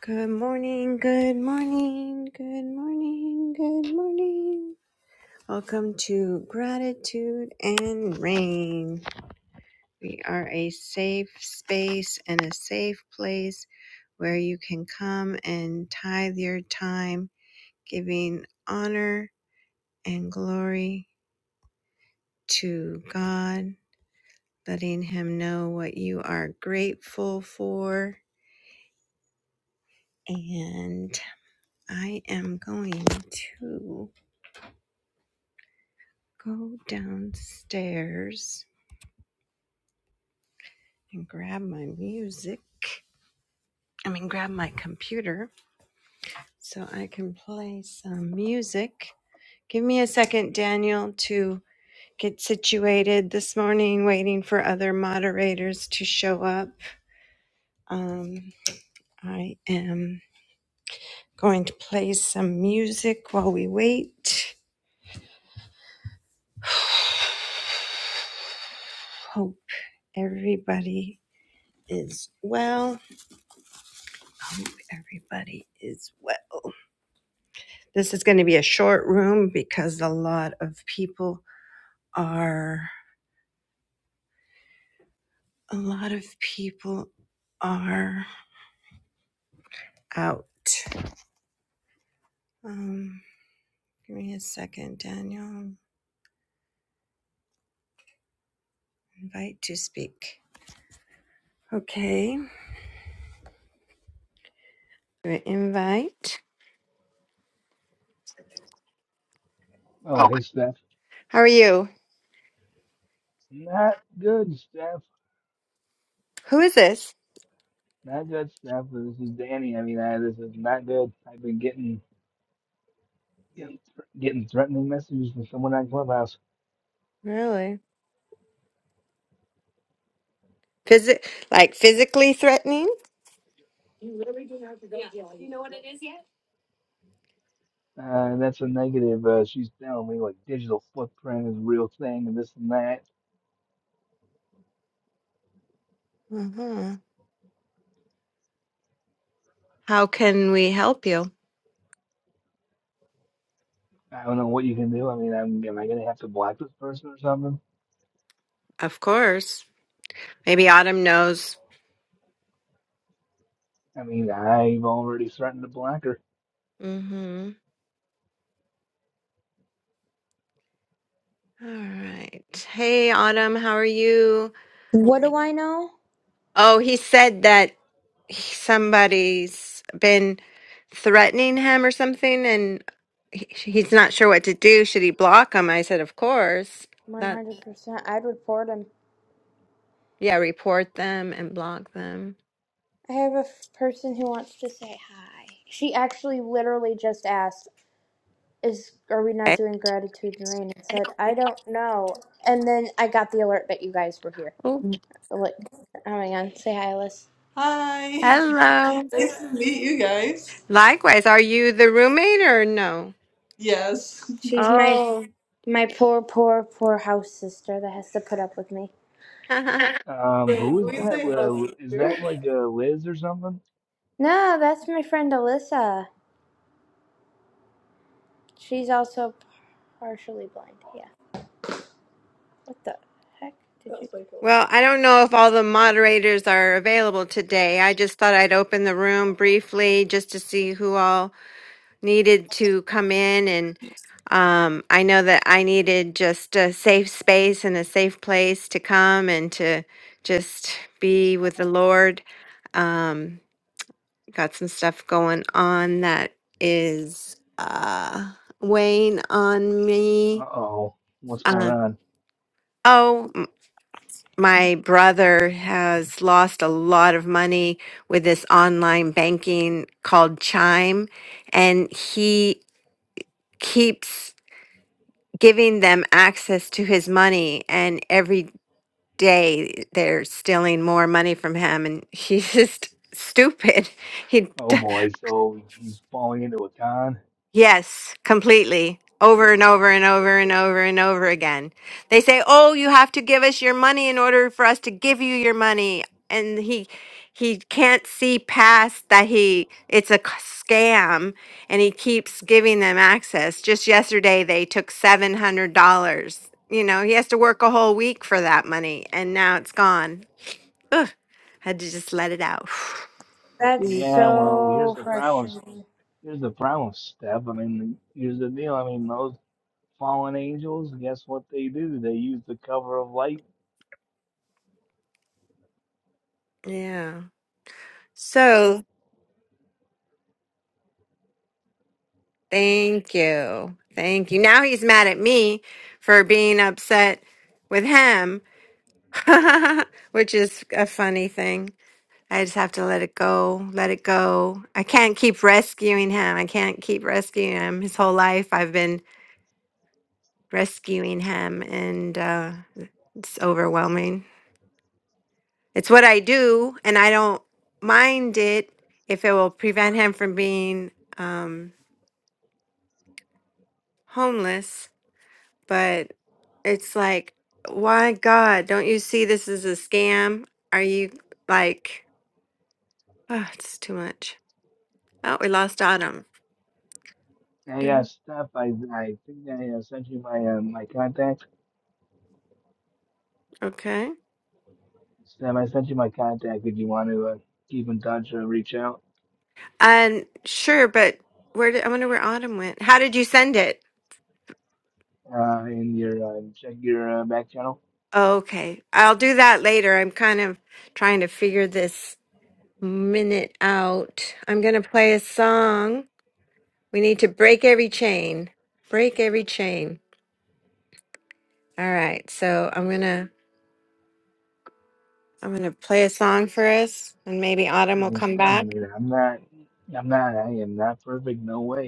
Good morning, good morning, good morning, good morning. Welcome to Gratitude and Rain. We are a safe space and a safe place where you can come and tithe your time, giving honor and glory to God, letting Him know what you are grateful for. And I am going to. go downstairs and grab my music. I mean, grab my computer so I can play some music. Give me a second, Daniel, to get situated this morning, waiting for other moderators to show up. Um, I am going to play some music while we wait. Hope everybody is well. Hope everybody is well. This is going to be a short room because a lot of people are a lot of people are out. Um, give me a second, Daniel. Invite to speak. Okay, invite. Oh, Oh. hey, Steph. How are you? Not good, Steph. Who is this? Not good, Steph. This is Danny. I mean, I, this is not good. I've been getting getting, thr- getting threatening messages from someone on Clubhouse. Really? Physi- like physically threatening? Uh, that's a negative. Uh, she's telling me like digital footprint is a real thing and this and that. hmm How can we help you? I don't know what you can do. I mean, I'm, am I gonna have to block this person or something? Of course. Maybe Autumn knows. I mean, I've already threatened to block her. Mm-hmm. All right. Hey, Autumn, how are you? What do I know? Oh, he said that somebody's been threatening him or something, and he, he's not sure what to do. Should he block him? I said, of course. That 100%. I'd report him. yeah, report them and block them. I have a f- person who wants to say hi. She actually literally just asked, "Is are we not Okay. doing gratitude and rain?" And said, "I don't know." And then I got the alert that you guys were here. Oh, So like, oh my god, say hi, Alice. Hi. hello. Nice to meet you guys. Likewise, are you the roommate or no? Yes. She's my Oh. my poor, poor, poor house sister that has to put up with me. Um, who Wait, is we that? say house Uh, is that sister. like uh, Liz or something? No, that's my friend Alyssa. She's also partially blind. Yeah. What the heck did you? That's pretty cool. Well, I don't know if all the moderators are available today. I just thought I'd open the room briefly just to see who all needed to come in. And um, I know that I needed just a safe space and a safe place to come and to just be with the Lord. Um, got some stuff going on that is uh, weighing on Uh me. oh, what's going Uh, on? oh. my brother has lost a lot of money with this online banking called Chime, and he keeps giving them access to his money. And every day they're stealing more money from him, and he's just stupid. He Oh boy, so he's falling into a con. Yes, completely. Over and over and over and over and over again. They say, "Oh, you have to give us your money in order for us to give you your money." And he he can't see past that he it's a c- scam and he keeps giving them access. Just yesterday they took $700. You know, he has to work a whole week for that money and now it's gone. Ugh, had to just let it out. That's Yeah, well, here's so the problem. s- frustrating. Here's the problem, Steph. I mean, here's the deal. I mean, those fallen angels, guess what they do? They use the cover of light. yeah. So, Thank you. Thank you. Now he's mad at me for being upset with him, which is a funny thing. I just have to let it go, let it go. I can't keep rescuing him. I can't keep rescuing him. His whole life I've been rescuing him, and uh, it's overwhelming. It's what I do, and I don't mind it if it will prevent him from being um, homeless but it's like, why God, don't you see this is a scam? Are you like, oh, it's too much. Oh, we lost Autumn. Hey, yeah, Damn. Steph, I, I think I uh, sent you my uh, my contact. Okay. Steph, I sent you my contact if you want to uh, keep in touch or reach out And sure, but where did I wonder where Autumn went? How did you send it? uh, in your uh, check your uh, back channel. Oh, okay. I'll do that later. I'm kind of trying to figure this minute out. I'm going to play a song. We need to break every chain. Break every chain. All right. So I'm going to I'm going to play a song for us and maybe I Autumn will mean, come Steph, I back. mean, I'm not, I'm not, I am not perfect. No way.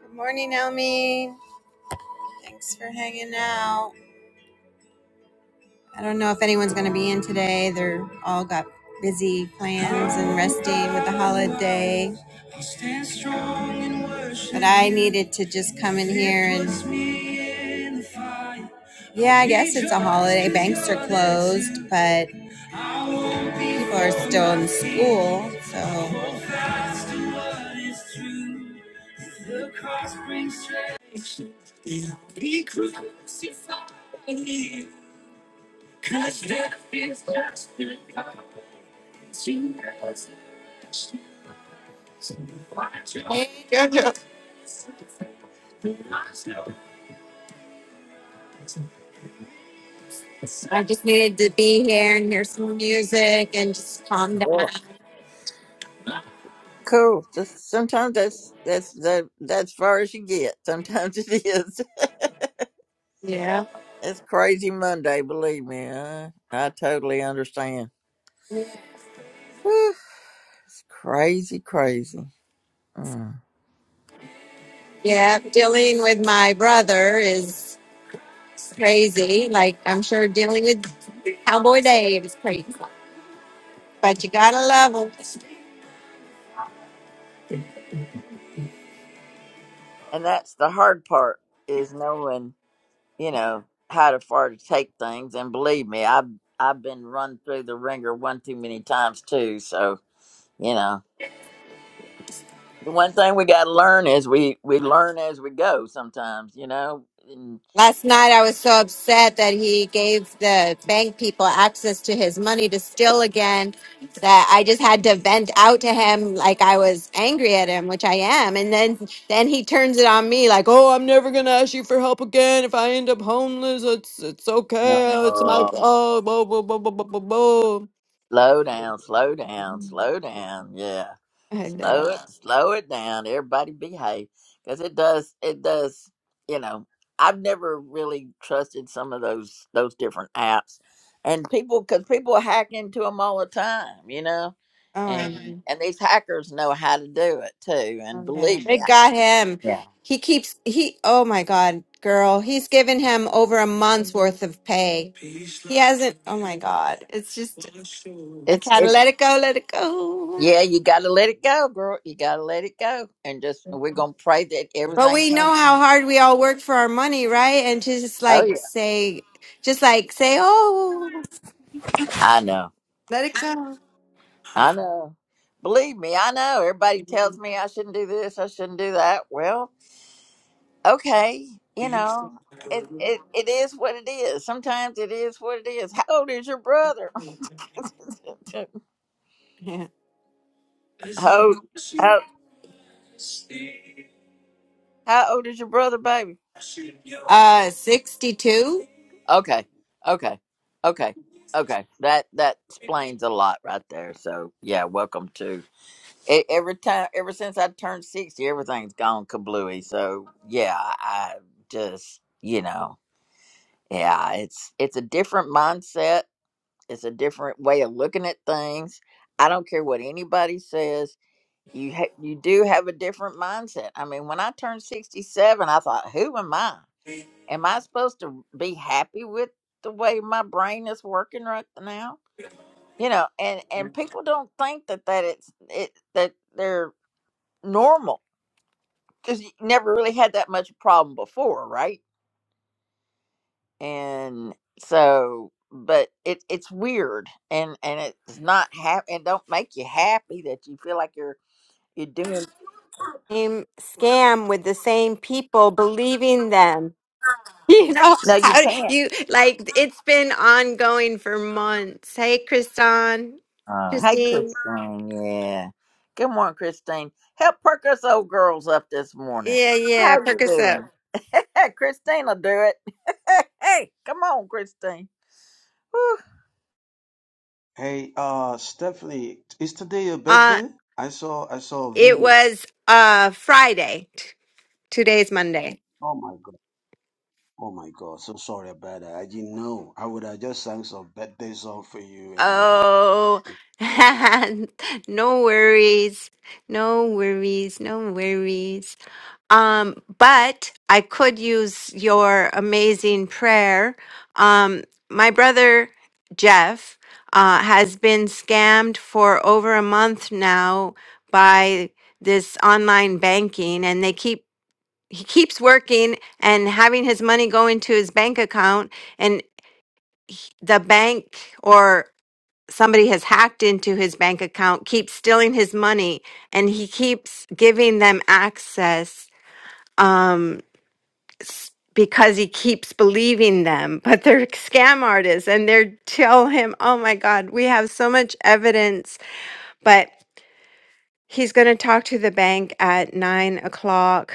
Good morning, Elmi. Thanks for hanging out. I don't know if anyone's going to be in today. They're all got busy plans and resting with the holiday. I needed to just come in here and, yeah, I guess it's a holiday. Banks are closed, but people are still in school. So. Oh, cool. Just, sometimes that's that's that that's far as you get. Sometimes it is. It's crazy Monday, believe me. I, I totally understand. Whew, it's crazy, crazy. Mm. And that's the hard part is knowing, you know, how to far to take things. And believe me, I've I've been run through the ringer one too many times too. So you know, the one thing we got to learn is we we learn as we go. Sometimes, you know, and. Last night, I was so upset that he gave the bank people access to his money to steal again that I just had to vent out to him like I was angry at him, which I am. And then then he turns it on me like, "Oh, I'm never gonna help again. If I end up homeless, it's it's okay. It's my oh, blah blah blah blah blah blah." blah." Slow down, slow down, slow down. Yeah, I know. slow it, slow it down. Everybody behave, because it does, it does. You know, I've never really trusted some of those those different apps, and people because people hack into them all the time. You know, Oh, I and Mhm. know. and these hackers know how to do it too. And Oh, yeah. believe me, They I- got him. yeah, He keeps he oh my God, girl. He's given him over a month's worth of pay. He hasn't oh my God. It's just I it's gotta it. let it go, let it go. Yeah, you got to let it go, girl. You got to let it go, and just we're gonna pray that But everything we comes. know how hard we all work for our money, right? And to just Oh like yeah, say, just like say, oh, I know. let it go. I know. Believe me, I know. Everybody tells me I shouldn't do this, I shouldn't do that. Well, okay, you know, it it, it is what it is. Sometimes it is what it is. How old is your brother? how, how how old is your brother, baby? Uh, 62 Okay, okay, okay, okay. That that explains a lot right there. So yeah, welcome to. e- Every time, ever since I turned sixty, everything's gone kablooey. So yeah, I just you know. Yeah, it's it's a different mindset. It's a different way of looking at things. I don't care what anybody says. You ha- you do have a different mindset. I mean, when I turned 67, I thought, "Who am I? Am I supposed to be happy with the way my brain is working right now?" You know, and and people don't think that that it's it that they're normal because you never really had that much problem before, right? and so but it it's weird and and it's not happy and don't make you happy that you feel like you're you're doing Same scam with the same people believing them. You know, no you how do can't you like it's been ongoing for months. Hey, Kristan, uh, hey Christine. christine yeah good morning christine help perk us old girls up this morning Yeah, yeah, how perk you us up. doing christine will do it hey come on christine Woo, Hey, uh, Stephanie, is today your Uh, birthday? I saw, I saw a it video. was uh Friday. T- Today's Monday. Oh my God. Oh my God. So sorry about that. I didn't know. I would have just sang some birthday song for you. And, uh, Oh, no worries. No worries. No worries. Um, but I could use your amazing prayer. Um, my brother Jeff uh, has been scammed for over a month now by this online banking, and they keep he keeps working and having his money go into his bank account, and he- the bank or somebody has hacked into his bank account, keeps stealing his money, and he keeps giving them access um, s- because he keeps believing them. But they're scam artists, and they are tell him, "Oh my God, we have so much evidence," but he's going to talk to the bank at nine o'clock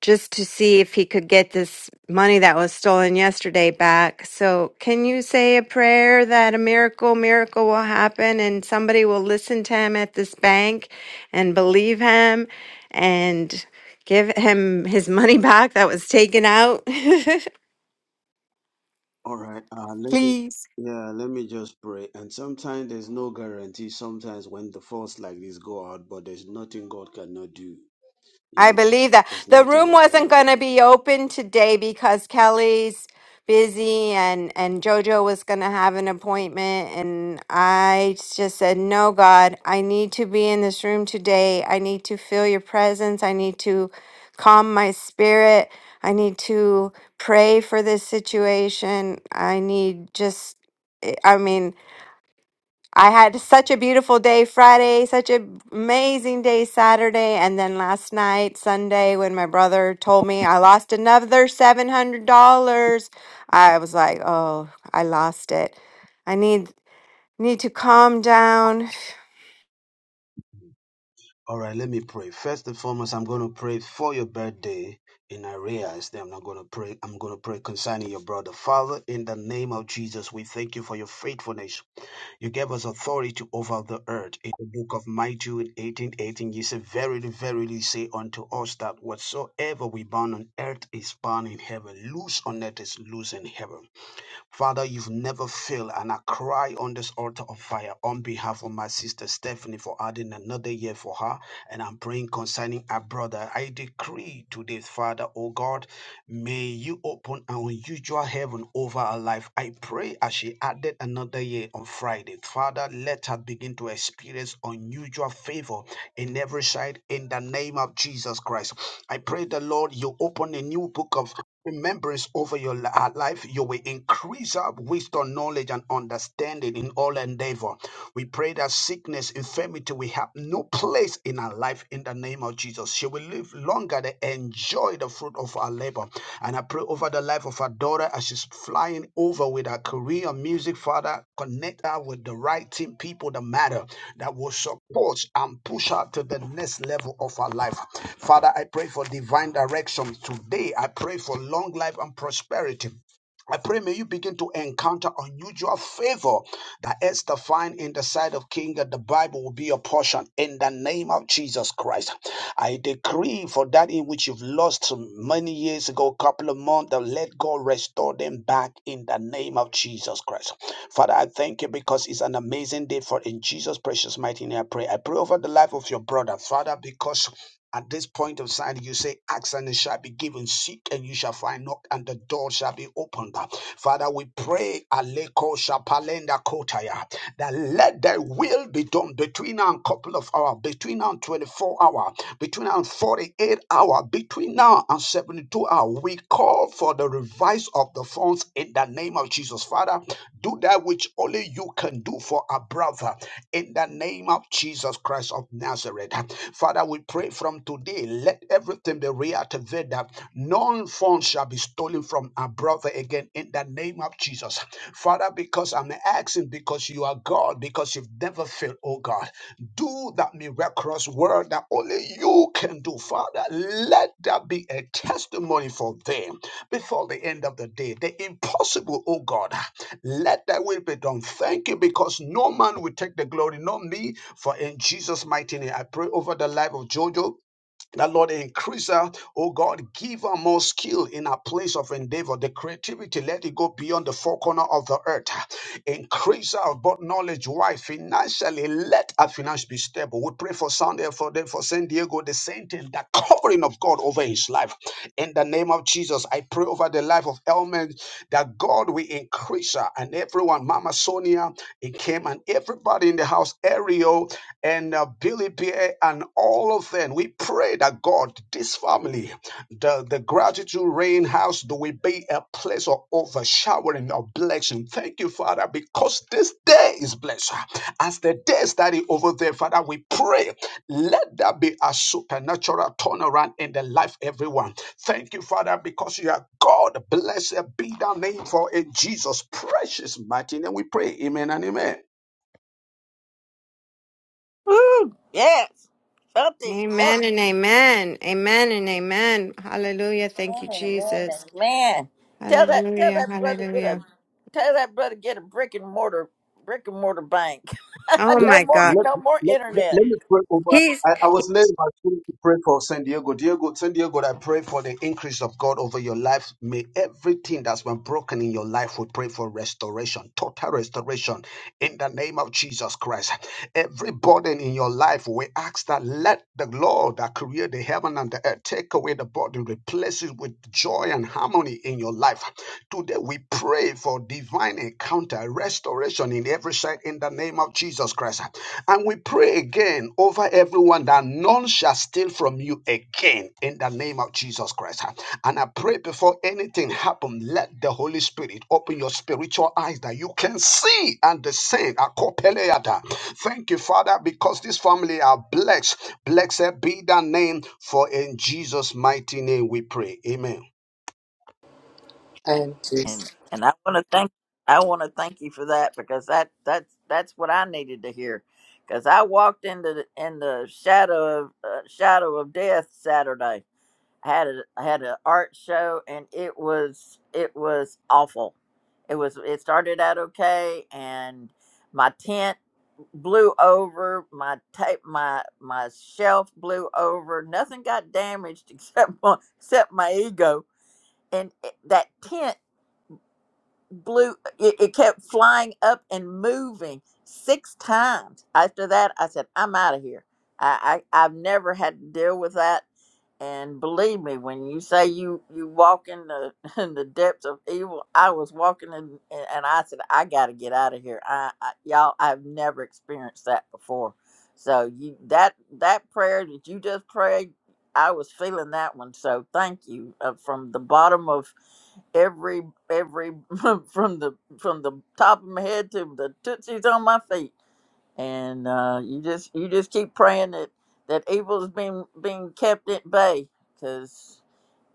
just to see if he could get this money that was stolen yesterday back. So, can you say a prayer that a miracle, miracle will happen and somebody will listen to him at this bank and believe him and give him his money back that was taken out? all right. Uh, let, Please. yeah, let me just pray. And sometimes there's no guarantee. Sometimes when the force like this go out, but there's nothing God cannot do. You I know, believe that. there's The nothing room God wasn't cannot do. going to be open today because Kelly's busy and and Jojo was going to have an appointment and I just said, "No, God, I need to be in this room today. I need to feel your presence. I need to calm my spirit. I need to pray for this situation. I need just I I mean, I had such a beautiful day Friday, such an amazing day Saturday, and then last night, Sunday, when my brother told me I lost another $700, I was like, "Oh, I lost it. I need need to calm down." All right, let me pray. First and foremost, I'm going to pray for your birthday in arrears. Then I'm not going to pray. I'm going to pray concerning your brother. Father, in the name of Jesus, we thank you for your faithfulness. You gave us authority over the earth. In the book of Matthew in 1818. you said, Verily, verily say unto us that whatsoever we bound on earth is bound in heaven. Loose on earth is loose in heaven. Father, you've never failed, and I cry on this altar of fire on behalf of my sister Stephanie for adding another year for her. And I'm praying concerning our brother. I decree today, Father, oh God, may you open an unusual heaven over her life. I pray as she added another year on Friday. Father, let her begin to experience unusual favor in every side in the name of Jesus Christ. I pray the Lord, you open a new book of remembrance over your li- our life. You will increase up wisdom, knowledge, and understanding in all endeavor. We pray that sickness, infirmity will have no place in our life in the name of Jesus. She will live longer to enjoy the fruit of our labor. And I pray over the life of our daughter as she's flying over with her career music, Father. Connect her with the right team, people that matter, that will support and push her to the next level of her life. Father, I pray for divine direction today. I pray for long life and prosperity. I pray may you begin to encounter unusual favor that Esther find in the sight of King that the Bible will be your portion in the name of Jesus Christ. I decree for that in which you've lost many years ago, a couple of months, that let God restore them back in the name of Jesus Christ. Father, I thank you because it's an amazing day for in Jesus' precious mighty name I pray. I pray over the life of your brother, Father, because at this point of sign, you say, Ask and it shall be given, seek and you shall find, knock and the door shall be opened. Father, we pray, Aleko Shapalenda Kotaya, that let thy will be done between now and couple of hours, between now and 24 hour, between now and 48 hour, between now and 72 hour. We call for the revise of the funds miracles in the name of Jesus. Father, do that which only you can do for a brother in the name of Jesus Christ of Nazareth. Father, we pray from today, let everything be reactivated. None phone shall be stolen from our brother again in the name of Jesus. Father, because I'm asking, because you are God, because you've never failed, oh God, do that miraculous work that only you can do, Father. Let that be a testimony for them before the end of the day. The impossible, oh God, let thy will be done. Thank you because no man will take the glory, not me. For in Jesus' mighty name, I pray over the life of Jojo. That Lord increase her, oh God, give her more skill in her place of endeavor. The creativity, let it go beyond the four corner of the earth. Increase her but knowledge, why financially, let her finance be stable. We pray for Sunday for them for San Diego, the saint, thing, the covering of God over his life. In the name of Jesus, I pray over the life of Elman that God will increase her and everyone, Mama Sonia, it came and everybody in the house, Ariel and uh, Billy Bear and all of them. We pray that God, this family, the, the gratitude rain house, do we be a place of overshowering of blessing. Thank you, Father, because this day is blessed. As the day study over there, Father, we pray, let there be a supernatural turnaround in the life everyone. Thank you, Father, because you are God. Blessed be thy name for in Jesus' precious mighty name we pray. Amen and amen. woo, yes up it up Amen and amen. Amen and amen. Hallelujah. Man, Thank you, and man, Jesus. and man. Tell that tell Hallelujah. that brother get a Hallelujah. tell that brother get a brick and mortar brick and mortar bank. Oh Let, no my more God. let, no more let, let, internet. let me pray over. He's I, I was led by spirit to pray for San Diego. Diego, San Diego, I pray for the increase of God over your life. May everything that's been broken in your life, we pray for restoration, total restoration in the name of Jesus Christ. Every burden in your life, we ask that let the Lord that created the heaven and the earth take away the burden, replace it with joy and harmony in your life. Today we pray for divine encounter, restoration in every side in the name of Jesus Christ. And we pray again again over everyone that none shall steal from you again in the name of Jesus Christ. And I pray before anything happens, let the Holy Spirit open your spiritual eyes that you can see and discern. Akopeleata. Thank you, Father, because this family are blessed. Blessed be thy name, for in Jesus' mighty name we pray. Amen. I And just and I want to thank I want to thank you for that because that that's that's what I needed to hear. Because I walked into the, in the shadow of uh, shadow of death Saturday I had a I had an art show and it was it was awful. It was it started out okay and my tent blew over, my tape my my shelf blew over. Nothing got damaged except my, except my ego. And it- that tent blew it, it kept flying up and moving six times after that i said i'm out of here I, I i've never had to deal with that and believe me when you say you you walk in the in the depths of evil i was walking in and and i said i gotta get out of here I, I y'all i've never experienced that before so you that that prayer that you just prayed I was feeling that one, so thank you uh, from the bottom of every every from the from the top of my head to the tootsies on my feet. And uh, you just you just keep praying that that evil's being being kept at bay because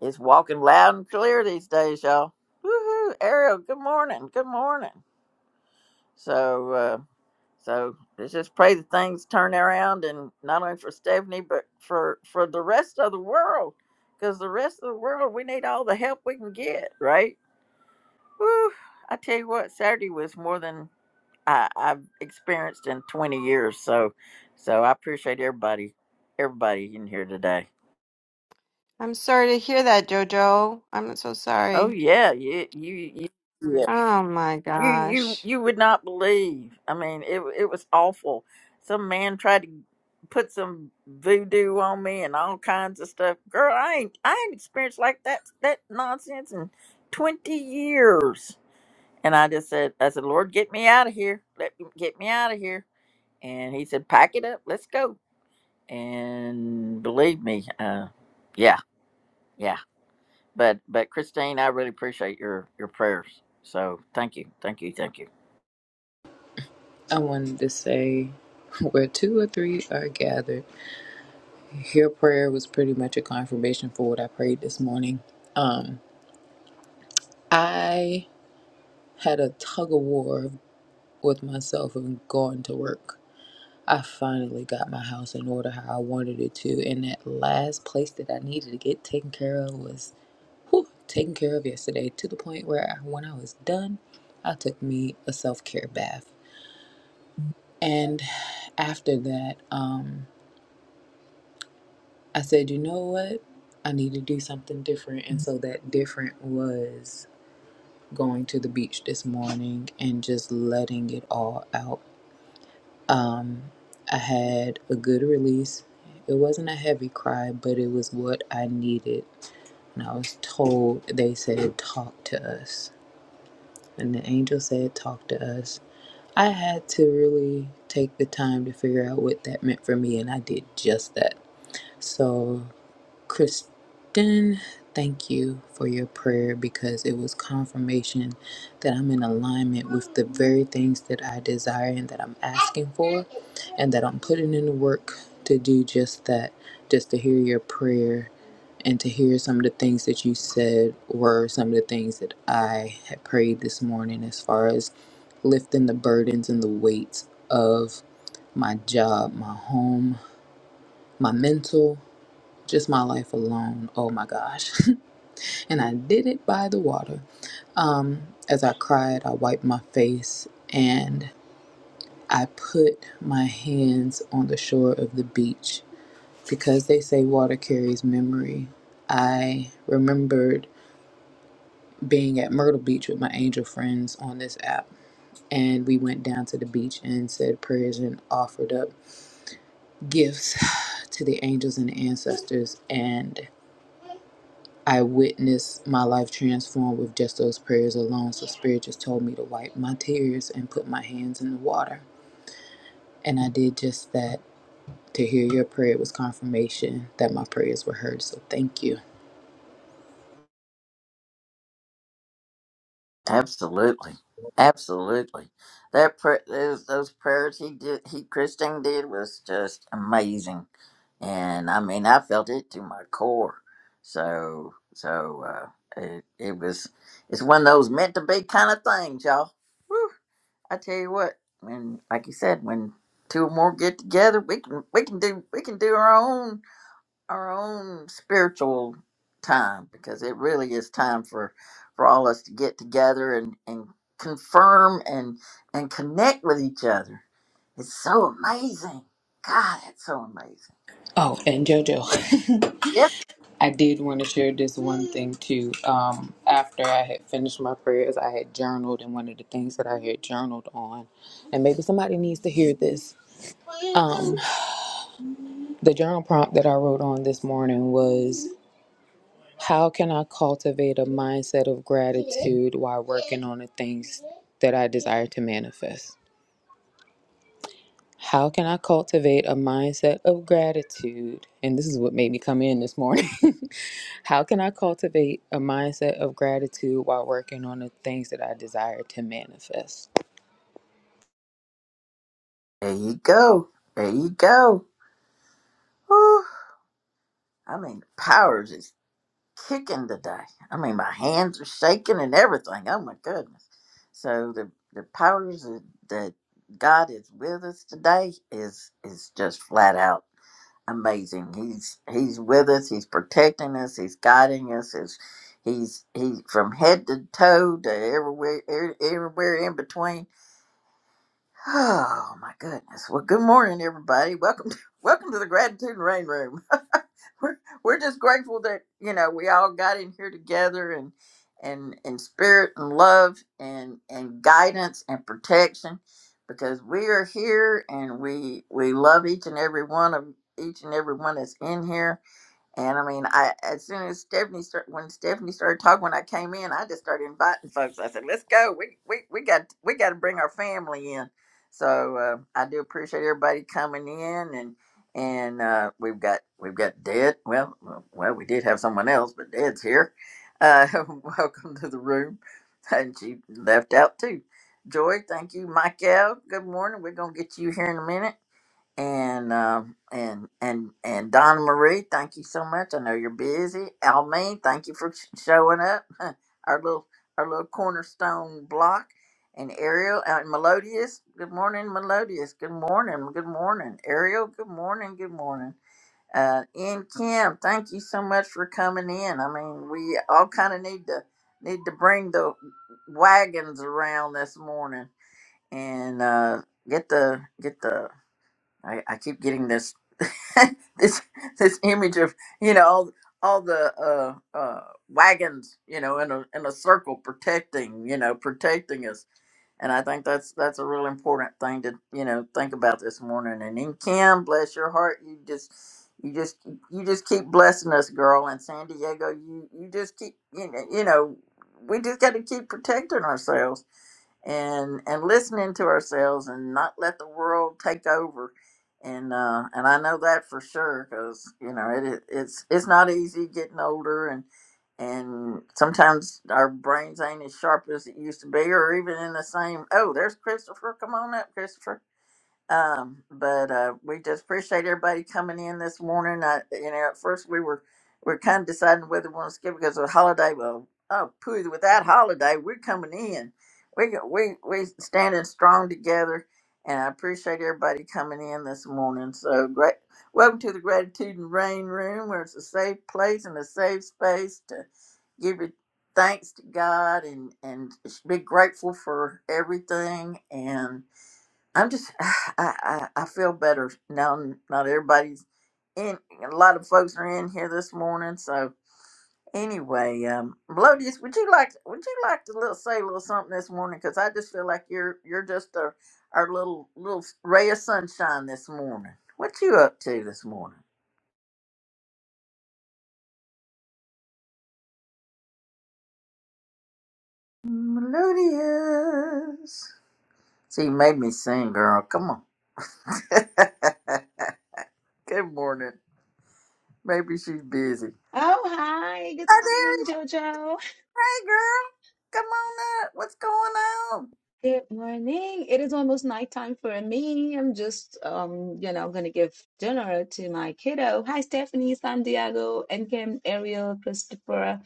it's walking loud and clear these days, y'all. Woohoo! Ariel, good morning. Good morning. So. Uh, so let's just pray that things turn around, and not only for Stephanie, but for for the rest of the world, because the rest of the world we need all the help we can get, right? Whew. I tell you what, Saturday was more than I, I've experienced in 20 years. So, so I appreciate everybody, everybody in here today. I'm sorry to hear that, Jojo. I'm so Oh sorry. yeah, you you, you yeah. Oh my you you gosh. you would not believe. I mean, it it was awful. Some man tried to put some voodoo on me and all kinds of stuff. Girl, I ain't I ain't experienced like that that nonsense in twenty years. And I just said, I said, Lord, get me out of here. Let get me out of here. And he said, pack it up, let's go. And believe me, uh, yeah, yeah. But but Christine, I really appreciate your your prayers. So thank you, thank you, thank you. I wanted to say where two or three are gathered. Your prayer was pretty much a confirmation for what I prayed this morning. Um I had a tug of war with myself and going to work. I finally got my house in order how I wanted it to and that last place that I needed to get taken care of was whew, taken care of yesterday to the point where I, when I was done, I took me a self-care bath. And after that, um. I said, you know what? I need to do something different. And so that different was going to the beach this morning and just letting it all out. Um, I had a good release. It wasn't a heavy cry, but it was what I needed. And I was told, they said, talk to us. And the angel said, talk to us. I had to really take the time to figure out what that meant for me, and I did just that. So Kristen, thank you for your prayer because it was confirmation that I'm in alignment with the very things that I desire and that I'm asking for, and that I'm putting in the work to do just that, just to hear your prayer and to hear some of the things that you said were some of the things that I had prayed this morning as far as lifting the burdens and the weights of my job, my home, my mental just my life alone. Oh my gosh. and I did it by the water. Um, as I cried, I wiped my face and I put my hands on the shore of the beach because they say water carries memory. I remembered being at Myrtle Beach with my angel friends on this app. And we went down to the beach and said prayers and offered up gifts to the angels and ancestors. And I witnessed my life transformed with just those prayers alone. So Spirit just told me to wipe my tears and put my hands in the water. And I did just that. To hear your prayer was confirmation that my prayers were heard. So thank you. Absolutely, absolutely. That pra- those, those prayers he did, he Christine did was just amazing, and I mean I felt it to my core. So so uh, it it was it's one of those meant to be kind of things, y'all. Whew. I tell you what, when like you said, when two or more get together, we can we can do we can do our own our own spiritual time because it really is time for for all us to get together and and confirm and and connect with each other it's so amazing god it's so amazing Oh, and JoJo, yes I did want to share this one thing too. Um, after I had finished my prayers, I had journaled, and one of the things that I had journaled on, and maybe somebody needs to hear this. Um, the journal prompt that I wrote on this morning was. How can I cultivate a mindset of gratitude while working on the things that I desire to manifest? How can I cultivate a mindset of gratitude? And this is what made me come in this morning. How can I cultivate a mindset of gratitude while working on the things that I desire to manifest? there you go there you go Whew. i mean the powers is kicking today i mean my hands are shaking and everything oh my goodness so the the powers that that god is with us today is is just flat out amazing. He's he's with us. He's protecting us. He's guiding us. He's he's, he's from head to toe to everywhere er, everywhere in between. Oh my goodness! Well, good morning, everybody. Welcome to welcome to the gratitude and rain room. We're we're just grateful that you know we all got in here together and and and spirit and love and and guidance and protection because we are here and we we love each and every one of each and every one that's in here and I mean, I as soon as Stephanie start, when Stephanie started talking, when I came in, I just started inviting folks. I said, "Let's go. We we we got we got to bring our family in." So uh, I do appreciate everybody coming in, and and uh, we've got we've got Dad. Well, well, well, we did have someone else, but Dad's here. Uh, welcome to the room, and she left out too. Joy, thank you, Michael. Good morning. We're gonna get you here in a minute and um and and and Donna Marie, thank you so much. I know you're busy. Almeen, thank you for sh- showing up. Our little our little cornerstone block, and Ariel uh, and Melodious. Good morning, Melodious. Good morning. Good morning, Ariel. Good morning. Good morning. Uh, and Kim, thank you so much for coming in. I mean, we all kind of need to need to bring the wagons around this morning and uh, get the get the I, I keep getting this this this image of you know all, all the uh, uh, wagons you know in a in a circle protecting you know protecting us and I think that's that's a real important thing to you know think about this morning. And then Kim, bless your heart, you just you just you just keep blessing us, girl. And San Diego, you you just keep you know, you know we just got to keep protecting ourselves and and listening to ourselves and not let the world take over. And uh, and I know that for sure because you know it is- it's it's not easy getting older and sometimes our brains ain't as sharp as it used to be or even in the same oh there's christopher come on up christopher um, but uh, we just appreciate everybody coming in this morning. I, you know, at first we were we are kind of deciding whether we want to skip because of the holiday. Well, oh, pooh, without holiday, we're coming in. We go- we we standing strong together, and I appreciate everybody coming in this morning. So great. Welcome to the Gratitude and Rain Room, where it's a safe place and a safe space to give your thanks to God and and be grateful for everything. and. I'm just, I, I, I feel better now. Not everybody's in, a lot of folks are in here this morning. So anyway, um, Melodious, would you like, would you like to little, say a little something this morning? Cause I just feel like you're, you're just a, our little, little ray of sunshine this morning. What you up to this morning? Melodious. See, you made me sing, girl. Come on. Good morning. Maybe she's busy. Oh, hi. Good Oh, morning, Jojo. Hey, girl. Come on up. What's going on? Good morning. It is almost nighttime for me. I'm just, um, you know, gonna give dinner to my kiddo. Hi, Stephanie, San Diego, and Kim, Ariel, Christopher,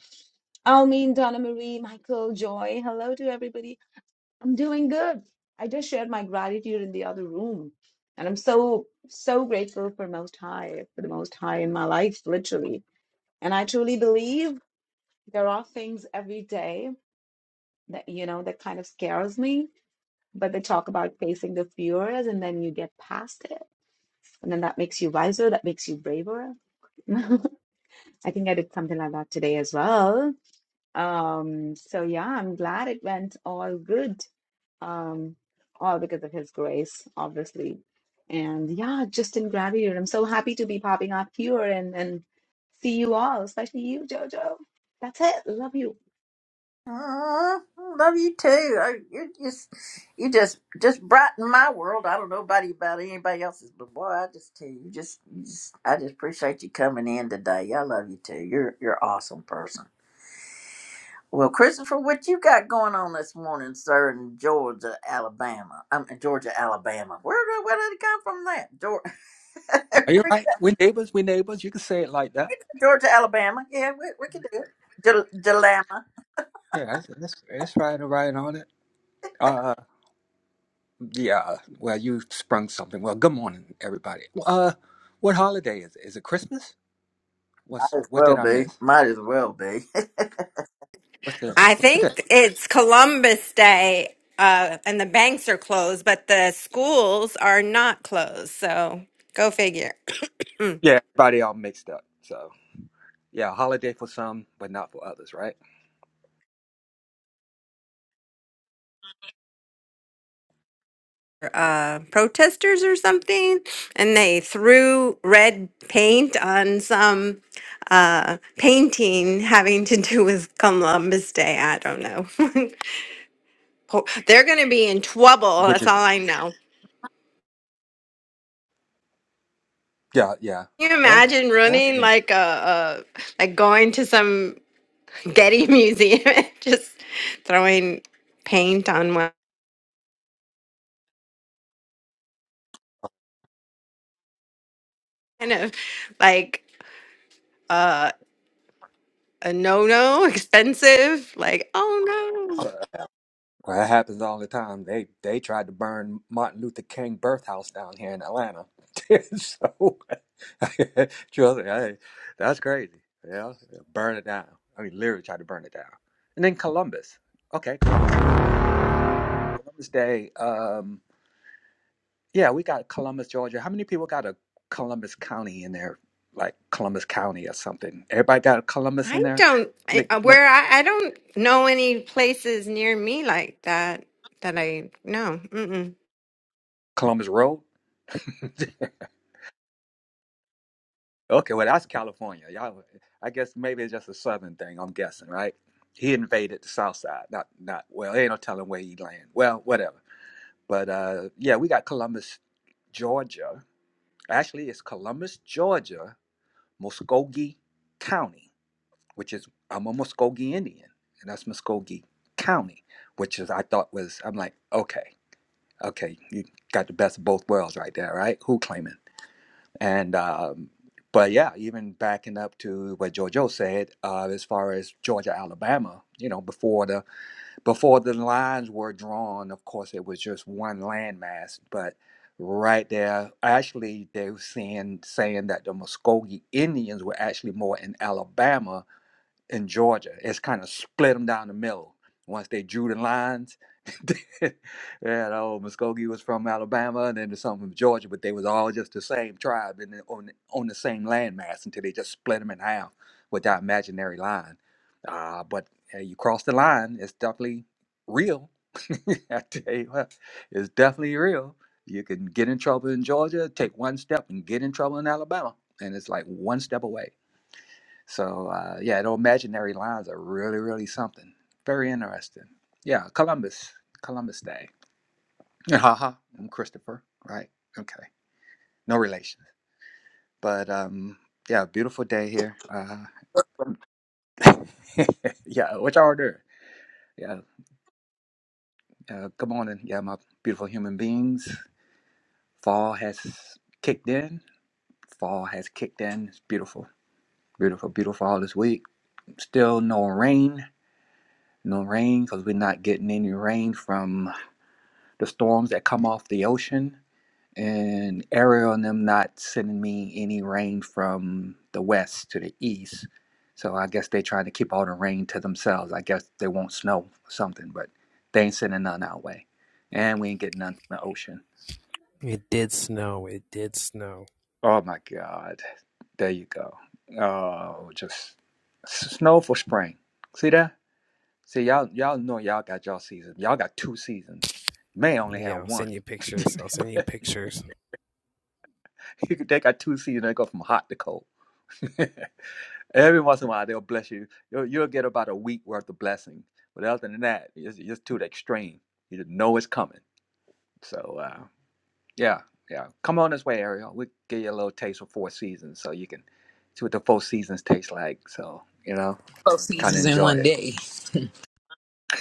Almin, Donna Marie, Michael, Joy. Hello to everybody. I'm doing good. I just shared my gratitude in the other room, and I'm so, so grateful for Most High, for the Most High in my life, literally. And I truly believe there are things every day. that you know that kind of scares me but they talk about facing the fears and then you get past it and then that makes you wiser that makes you braver i think i did something like that today as well um so yeah i'm glad it went all good um all because of his grace obviously and yeah just in gratitude i'm so happy to be popping up here and and see you all especially you jojo that's it love you Aw, love you too. I- You just, you just, just brighten my world. I don't know about about anybody else's, but boy, I just tell you, you just, you just, I just appreciate you coming in today. I love you too. You're, you're an awesome person. Well, Christopher, what you got going on this morning, sir, in Georgia, Alabama? I'm in Georgia, Alabama. Where, where did it come from? That Georgia, Are you right? We're neighbors. We're neighbors. You can say it like that. Georgia Alabama. Yeah, we, we can do it. Dil- dilemma. Yeah, that's that's, that's right. Right on it. Uh, yeah. Well, you sprung something. Well, good morning, everybody. Well, Uh, what holiday is it? Is it Christmas? What's as what well did I be. miss? Might as well be. What's the I what's the day? think it's Columbus Day, uh, and the banks are closed, but the schools are not closed. So go figure. Yeah, everybody all mixed up. So yeah, holiday for some, but not for others, right? Uh, protesters or something, and they threw red paint on some uh, painting having to do with Columbus Day. I don't know. Ho- They're going to be in trouble. Which That's is all I know. yeah, yeah. Can you Well, imagine well that's running interesting. like a, a like going to some Getty Museum, just throwing paint on one kind of like uh, a no no, expensive. Like, oh no, Well, that happens all the time. They they tried to burn Martin Luther King birth house down here in Atlanta. so, trust me, hey, that's crazy. Yeah, burn it down. I mean, literally tried to burn it down. And then Columbus. Okay, Columbus. Columbus Day. Um, yeah, we got Columbus, Georgia. How many people got a Columbus County in there? Like Columbus County or something. Everybody got a Columbus in I there. don't, I, Nick, uh, Nick, where I, I don't know any places near me like that that I know. Mm-mm. Columbus Road. Okay, well that's California. Y'all, I guess maybe it's just a southern thing. I'm guessing, right? He invaded the south side. Not, not well. Ain't no telling where he land. Well, whatever. But uh, yeah, we got Columbus, Georgia. Actually, it's Columbus, Georgia, Muskogee County, which is I'm a Muskogee Indian, and that's Muskogee County, which is I thought was I'm like okay, okay, you got the best of both worlds right there, right? Who claiming? And um, but yeah, even backing up to what Jojo said, uh, as far as Georgia, Alabama, you know, before the before the lines were drawn, of course, it was just one landmass. But right there, actually, they were saying saying that the Muskogee Indians were actually more in Alabama in Georgia. It's kind of split them down the middle. Once they drew the lines, you know, Muskogee was from Alabama, and then there's some from Georgia, but they was all just the same tribe and on on the same landmass until they just split them in half with that imaginary line. Uh, but hey, you cross the line, it's definitely real. I tell you what, it's definitely real. You can get in trouble in Georgia, take one step and get in trouble in Alabama, and it's like one step away. So uh, yeah, those imaginary lines are really, really something. Very interesting. Yeah, Columbus, Columbus Day. Haha, I'm Christopher, right? Okay, no relations. But um, yeah, beautiful day here. Uh, yeah, what y'all doing? Yeah, uh, good morning. Yeah, my beautiful human beings. Fall has kicked in. Fall has kicked in. It's beautiful, beautiful, beautiful all this week. Still no rain. No rain because we're not getting any rain from. the storms that come off the ocean, and Ariel and them not sending me any rain from the west to the east. So I guess they trying to keep all the rain to themselves. I guess they won't snow or something, but they ain't sending none our way. And we ain't getting none from the ocean. It did snow. It did snow. Oh my God. There you go. Oh, just s- snow for spring. See that? See, y'all y'all know y'all got y'all season. Y'all got two seasons. May only have Yeah, I'll send one. you pictures. I'll send you pictures. they got two seasons they go from hot to cold. Every once in a while they'll bless you. You'll, you'll get about a week worth of blessing, but other than that, it's just to the extreme. You just know it's coming. So uh, yeah, yeah. Come on this way, Ariel. We will give you a little taste of four seasons, so you can see what the four seasons taste like. So you know, Both kind seasons of in one enjoy day.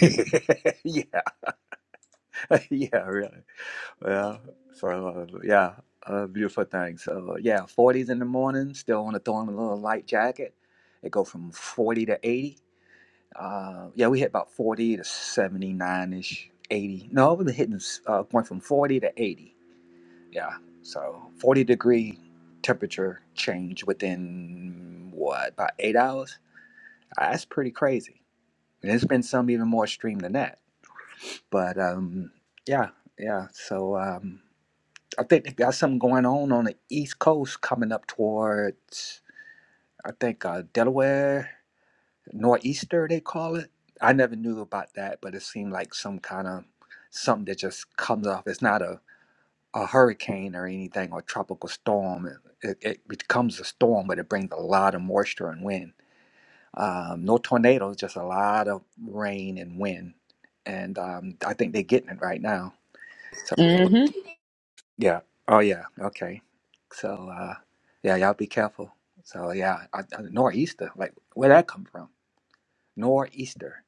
it. yeah, yeah, really. Yeah, so uh, yeah, a beautiful thing. So yeah, 40s in the morning, still want to throw on a little light jacket. It go from 40 to 80. Uh, yeah, we hit about 40 to 79-ish, 80. No, we've been hitting uh, going from 40 to 80. Yeah, so 40 degree temperature change within what about eight hours? Uh, That's pretty crazy. And there's been some even more extreme than that. But um, yeah, yeah. So um, I think they got something going on on the East Coast coming up towards, I think, uh, Delaware, Nor'easter, they call it. I never knew about that, but it seemed like some kind of something that just comes off. It's not a, a hurricane or anything or tropical storm. It, it becomes a storm, but it brings a lot of moisture and wind. Um, no tornadoes, just a lot of rain and wind. And um, I think they're getting it right now. So. Mm-hmm. Yeah. Oh, yeah. Okay. So, uh, yeah, y'all be careful. So, yeah, I, I, nor'easter. Like, where that come from? Nor'easter.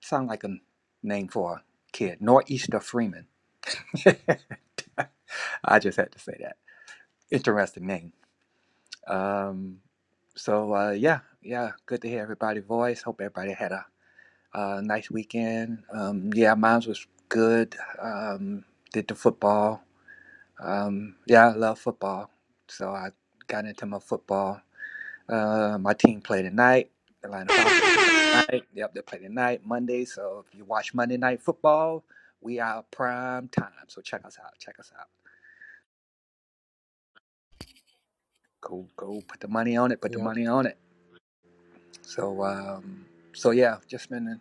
Sound like a name for a kid. Nor'easter Freeman. I just had to say that. Interesting name. Um, so, uh, yeah, yeah, good to hear everybody's voice. Hope everybody had a, uh nice weekend. Um, yeah, mine was good. Um, did the football. Um, yeah, I love football, so I got into my football. Uh, my team played tonight. The Atlanta Falcons tonight. Yep, they play tonight, Monday. So if you watch Monday Night Football, we are prime time. So check us out. Check us out. Go, go. Put the money on it. Put the Yeah. money on it. So, um, so yeah, just been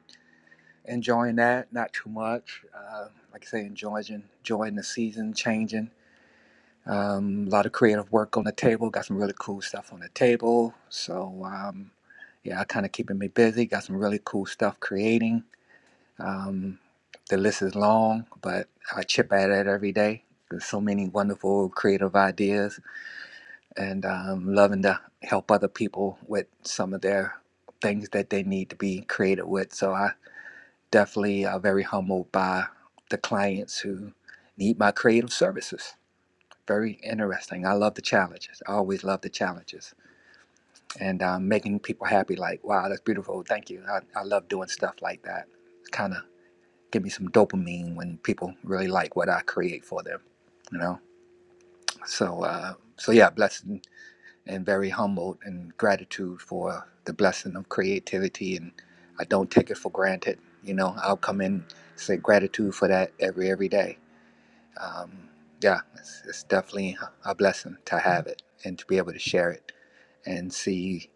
enjoying that. Not too much. Uh, like I say, enjoying, enjoying the season, changing. Um, a lot of creative work on the table. Got some really cool stuff on the table. So um, yeah, I kind of keeping me busy. Got some really cool stuff creating. Um, the list is long, but I chip at it every day. There's so many wonderful creative ideas, and um, loving to help other people with some of their things that they need to be creative with. So I definitely are very humbled by the clients who need my creative services very interesting. I love the challenges. I always love the challenges and um, making people happy. Like, wow, that's beautiful. Thank you. I, I love doing stuff like that. Kind of give me some dopamine when people really like what I create for them. You know. So, uh, so yeah, blessed and and very humbled and gratitude for the blessing of creativity. And I don't take it for granted. You know, I'll come in say gratitude for that every every day um, yeah, it's, it's definitely a blessing to have it and to be able to share it and see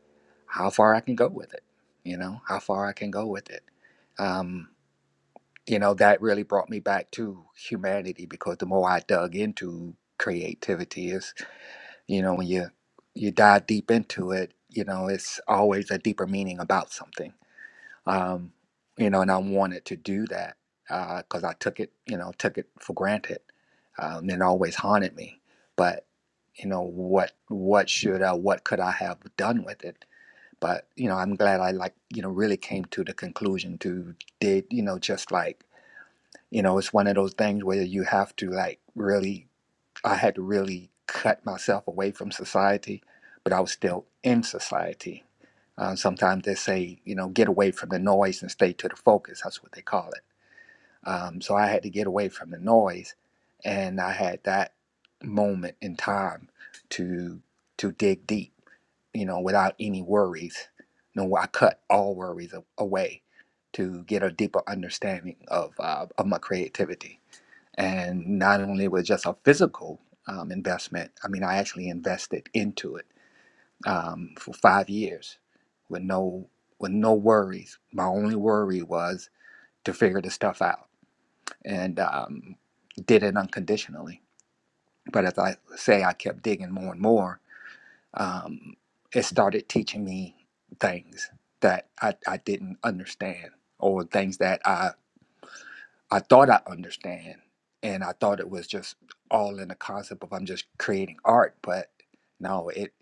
how far I can go with it. You know, how far I can go with it. Um, you know, that really brought me back to humanity because the more I dug into creativity, is you know when you you dive deep into it, you know, it's always a deeper meaning about something um, you know, and I wanted to do that because I took it, you know, took it for granted, um, and it always haunted me. But you know, what what should I, what could I have done with it? But you know, I'm glad I like, you know, really came to the conclusion to did, you know, just like, you know, it's one of those things where you have to like really, I had to really cut myself away from society, but I was still in society uh, sometimes they say, you know, get away from the noise and stay to the focus. That's what they call it. Um, so I had to get away from the noise, and I had that moment in time to to dig deep, you know, without any worries. No, I cut all worries a- away to get a deeper understanding of uh, of my creativity. And not only was it just a physical um, investment, I mean, I actually invested into it um, for five years with no with no worries. My only worry was to figure this stuff out, and um, did it unconditionally. But as I say, I kept digging more and more. Um, it started teaching me things that I, I didn't understand, or things that I I thought I understand, and I thought it was just all in the concept of I'm just creating art, but no, it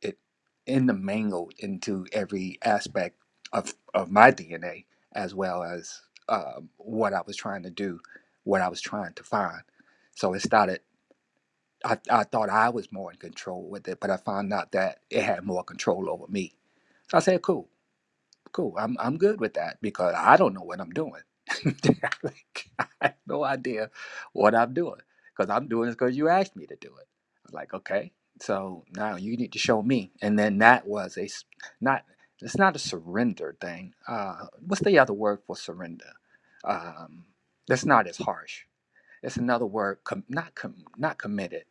it intermingled into every aspect of of my DNA as well as um, what I was trying to do, what I was trying to find. So it started. I, I thought I was more in control with it, but I found out that it had more control over me. So I said, "Cool." cool. I'm I'm good with that because I don't know what I'm doing. like, I have no idea what I'm doing because I'm doing it because you asked me to do it. I'm like, okay, so now you need to show me. And then that was a s- not. It's not a surrender thing. Uh, what's the other word for surrender? Um, that's not as harsh. It's another word. Com- not com- not committed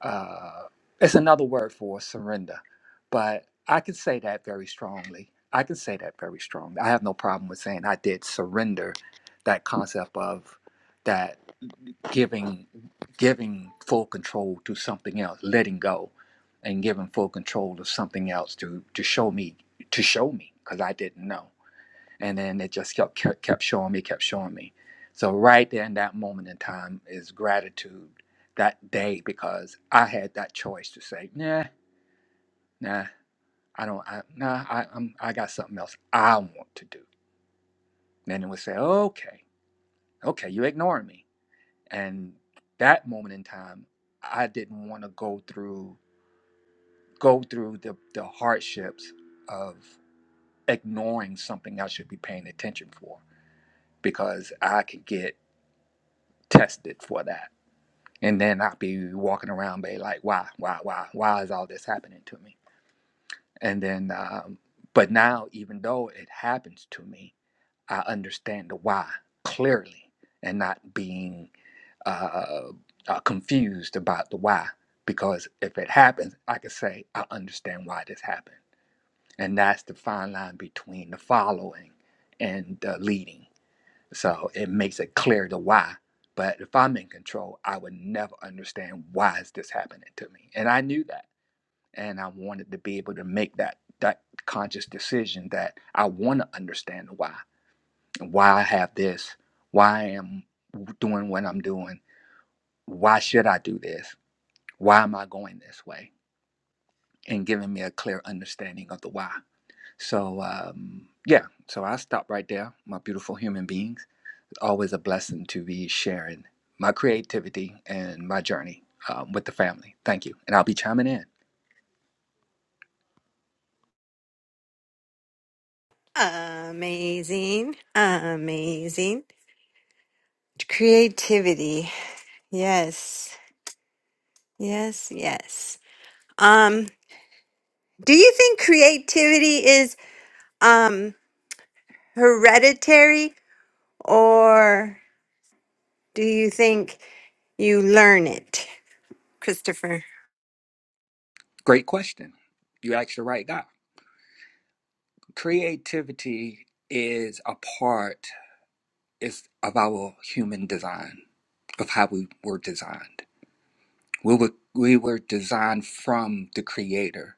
uh, it's another word for surrender, but I can say that very strongly. I can say that very strongly. I have no problem with saying I did surrender that concept of that giving giving full control to something else, letting go, and giving full control to something else to to show me to show me because I didn't know and then it just kept kept showing me, kept showing me. So right there in that moment in time is gratitude that day because I had that choice to say, nah, nah, I don't, I, nah, I, I'm, I got something else I want to do. Then it would say, okay, okay, you ignoring me, and that moment in time, I didn't want to go through go through the the hardships of ignoring something I should be paying attention for because I could get tested for that and then I'll be walking around, be like, why, why, why, why is all this happening to me? And then, um, but now, even though it happens to me, I understand the why clearly, and not being uh, uh, confused about the why. Because if it happens, I can say I understand why this happened, and that's the fine line between the following and the leading so it makes it clear the why. But if I'm in control, I would never understand why is this happening to me. And I knew that. And I wanted to be able to make that that conscious decision that I want to understand the why why I have this, why I am doing what I'm doing, why should I do this, why am I going this way, and giving me a clear understanding of the why. So um, yeah, so I will stop right there, my beautiful human beings always a blessing to be sharing my creativity and my journey um, with the family. Thank you. And I'll be chiming in. Amazing, amazing creativity. Yes, yes, yes. Um, do you think creativity is um hereditary? or do you think you learn it, Christopher? Great question. You asked the right guy. Creativity is a part is of our human design, of how we were designed. We were, we were designed from the creator.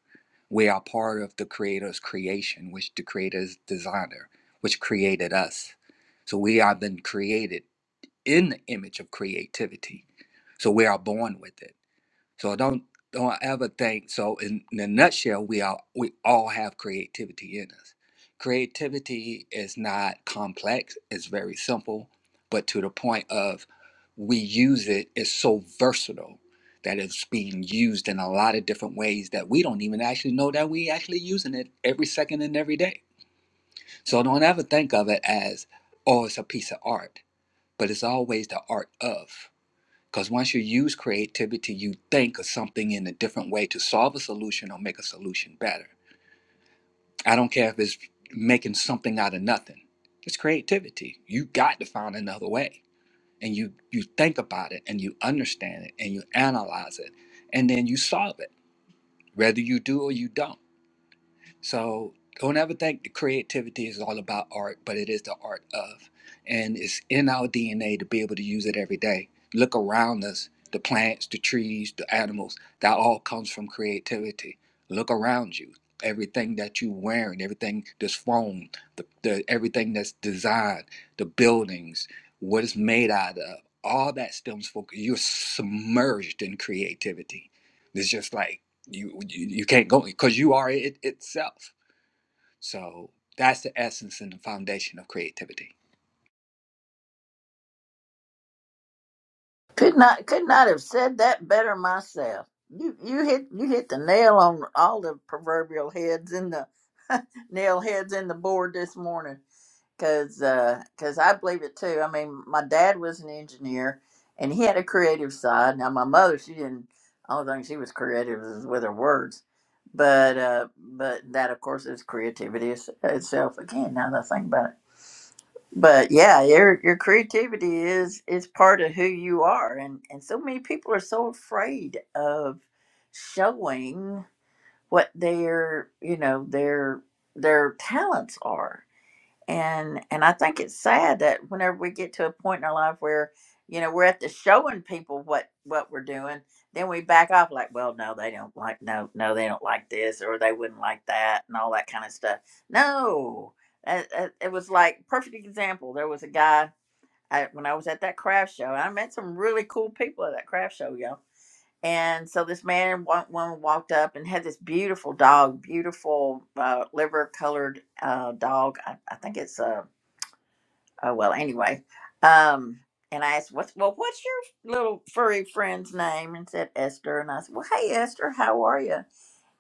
We are part of the creator's creation, which the creator's designer, which created us. So we have been created in the image of creativity. So we are born with it. So don't don't ever think so in, in a nutshell we are we all have creativity in us. Creativity is not complex, it's very simple, but to the point of we use it is so versatile that it's being used in a lot of different ways that we don't even actually know that we actually using it every second and every day. So don't ever think of it as, oh, it's a piece of art, but it's always the art of. Because once you use creativity, you think of something in a different way to solve a solution or make a solution better. I don't care if it's making something out of nothing. It's creativity. You got to find another way. And you you think about it and you understand it and you analyze it and then you solve it, whether you do or you don't. So don't ever think the creativity is all about art, but it is the art of. And it's in our DNA to be able to use it every day. Look around us, the plants, the trees, the animals, that all comes from creativity. Look around you. Everything that you are wearing, everything this phone, the, the everything that's designed, the buildings, what it's made out of, all that stems from you're submerged in creativity. It's just like you you you can't go because you are it itself so that's the essence and the foundation of creativity could not could not have said that better myself. You you hit you hit the nail on all the proverbial heads in the nail heads in the board this morning because I believe it too. I mean, my dad was an engineer and he had a creative side. Now my mother, she didn't. Only thing she was creative was with her words, but uh, but that of course is creativity is- itself again. Now that I think about it but yeah your your creativity is is part of who you are and and so many people are so afraid of showing what their you know their their talents are and and I think it's sad that whenever we get to a point in our life where you know we're at the showing people what what we're doing, then we back off like, well, no, they don't like no no they don't like this or they wouldn't like that and all that kind of stuff. No, it, it, it was like perfect example. There was a guy I, when I was at that craft show. I met some really cool people at that craft show, y'all. And so this man and one woman walked up and had this beautiful dog, beautiful uh, liver colored uh, dog. I, I think it's a Oh well, anyway. Um, and I asked, "What's well? What's your little furry friend's name?" And said Esther. And I said, "Well, hey Esther, how are you?"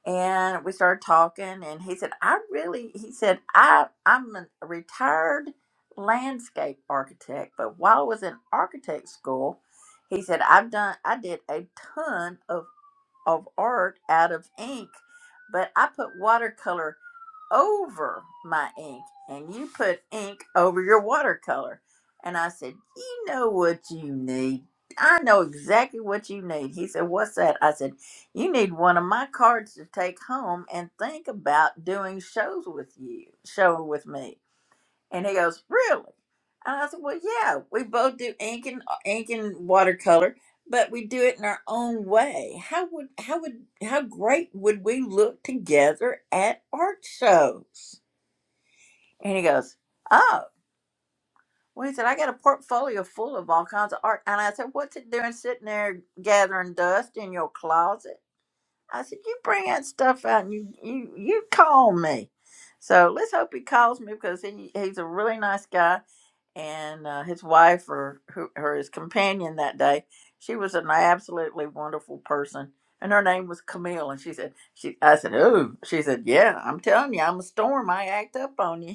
And we started talking, and he said, "I really," he said, "I I'm a retired landscape architect, but while I was in architect school, he said I've done I did a ton of of art out of ink, but I put watercolor." over my ink and you put ink over your watercolor. And I said, You know what you need. I know exactly what you need. He said, What's that? I said, You need one of my cards to take home and think about doing shows with you, show with me. And he goes, really? And I said, well, yeah, we both do ink and uh, ink and watercolor, but we do it in our own way. How would how would how great would we look together at art shows? And he goes, oh. Well, he said, I got a portfolio full of all kinds of art. And I said, what's it doing sitting there gathering dust in your closet? I said, you bring that stuff out and you, you, you call me. So let's hope he calls me because he, he's a really nice guy and uh, his wife or who, her his companion that day she was an absolutely wonderful person and her name was camille and she said she i said oh she said yeah i'm telling you i'm a storm i act up on you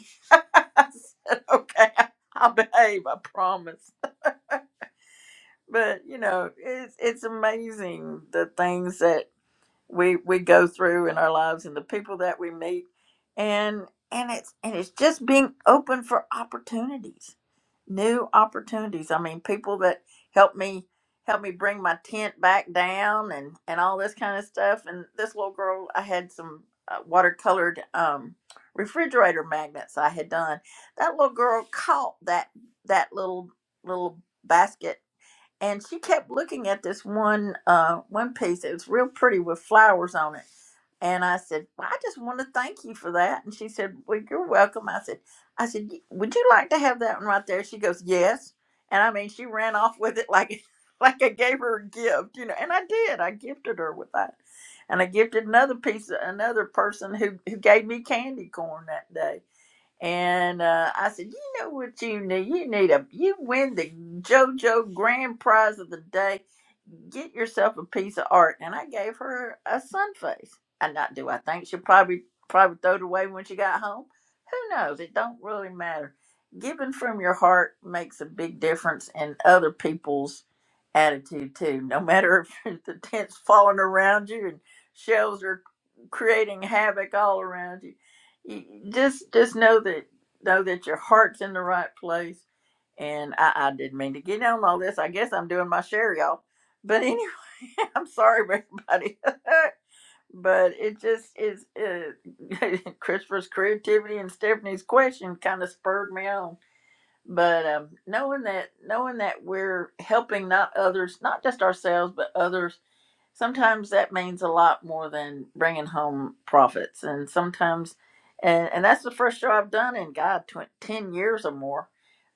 i said okay i'll behave i promise but you know it's it's amazing the things that we we go through in our lives and the people that we meet and and it's and it's just being open for opportunities new opportunities i mean people that help me help me bring my tent back down and and all this kind of stuff and this little girl i had some uh, watercolored um refrigerator magnets i had done that little girl caught that that little little basket and she kept looking at this one uh one piece. It was real pretty with flowers on it. And I said, well, I just want to thank you for that. And she said, Well, you're welcome. I said, I said, "Y- Would you like to have that one right there? She goes, Yes. And I mean, she ran off with it like like I gave her a gift, you know. And I did. I gifted her with that. And I gifted another piece, another person who who gave me candy corn that day and uh, I said, you know what you need? You need a you win the JoJo Grand Prize of the day get yourself a piece of art. And I gave her a sun face. And not do I think she'll probably probably throw it away when she got home. Who knows? It don't really matter. Giving from your heart makes a big difference in other people's attitude too. No matter if the tent's falling around you and shells are creating havoc all around you. you you just just know that know that your heart's in the right place. And I, I didn't mean to get on all this. I guess I'm doing my share, y'all. But anyway, I'm sorry, everybody. but it just is. Uh, Christopher's creativity and Stephanie's question kind of spurred me on. But um, knowing that, knowing that we're helping not others, not just ourselves, but others sometimes that means a lot more than bringing home profits and sometimes and and that's the first show i've done in god tw- 10 years or more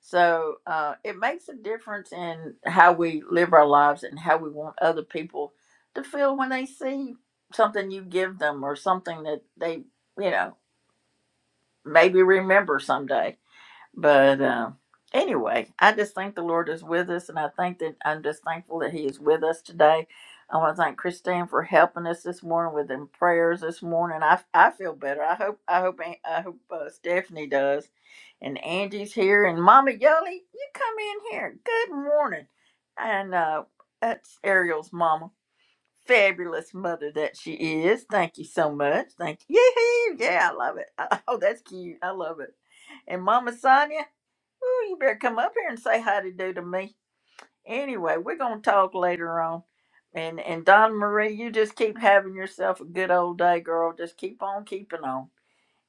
so uh, it makes a difference in how we live our lives and how we want other people to feel when they see something you give them or something that they you know maybe remember someday but um, anyway, I just think the Lord is with us, and I think that I'm just thankful that He is with us today. I want to thank Christine for helping us this morning with them prayers this morning. I, I feel better. I hope I hope I hope uh, Stephanie does, and Angie's here, and Mama Yoli, you come in here. Good morning, and uh, that's Ariel's mama. Fabulous mother that she is. Thank you so much. Thank you. Yee-hoo. Yeah, I love it. Oh, that's cute. I love it. And Mama Sonia, Ooh, you better come up here and say hi to do to me. Anyway, we're gonna talk later on. And and Donna Marie, you just keep having yourself a good old day, girl. Just keep on keeping on.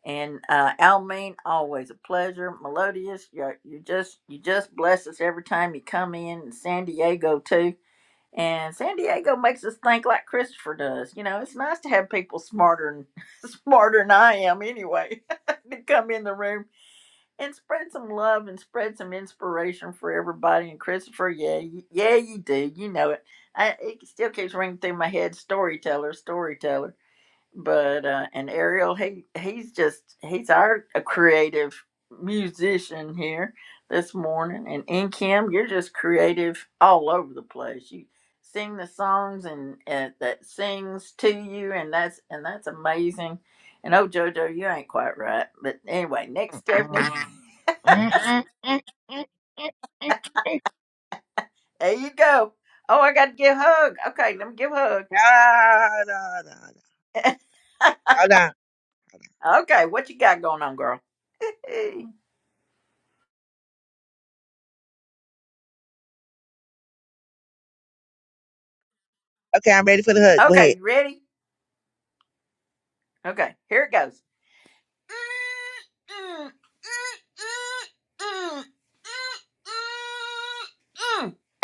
And uh Almeen, always a pleasure. Melodious, you you just you just bless us every time you come in. And San Diego too. And San Diego makes us think like Christopher does. You know, it's nice to have people smarter and smarter than I am anyway to come in the room and spread some love and spread some inspiration for everybody. And Christopher, yeah, y- yeah, you do. You know it. I, it still keeps ringing through my head. Storyteller, storyteller. But uh, and Ariel, he he's just he's our a creative musician here this morning. And in Kim, you're just creative all over the place. You sing the songs and, and that sings to you, and that's and that's amazing. And oh, JoJo, you ain't quite right. But anyway, next Mm-mm. Stephanie. Mm-mm. Mm-mm. Mm-mm. There you go. Oh, I got to give a hug. Okay, let me give a hug. Nah, nah, nah, nah. Hold on. Okay, what you got going on, girl? Hey. Okay, I'm ready for the hug. Go ahead. okay, you ready? Okay, here it goes.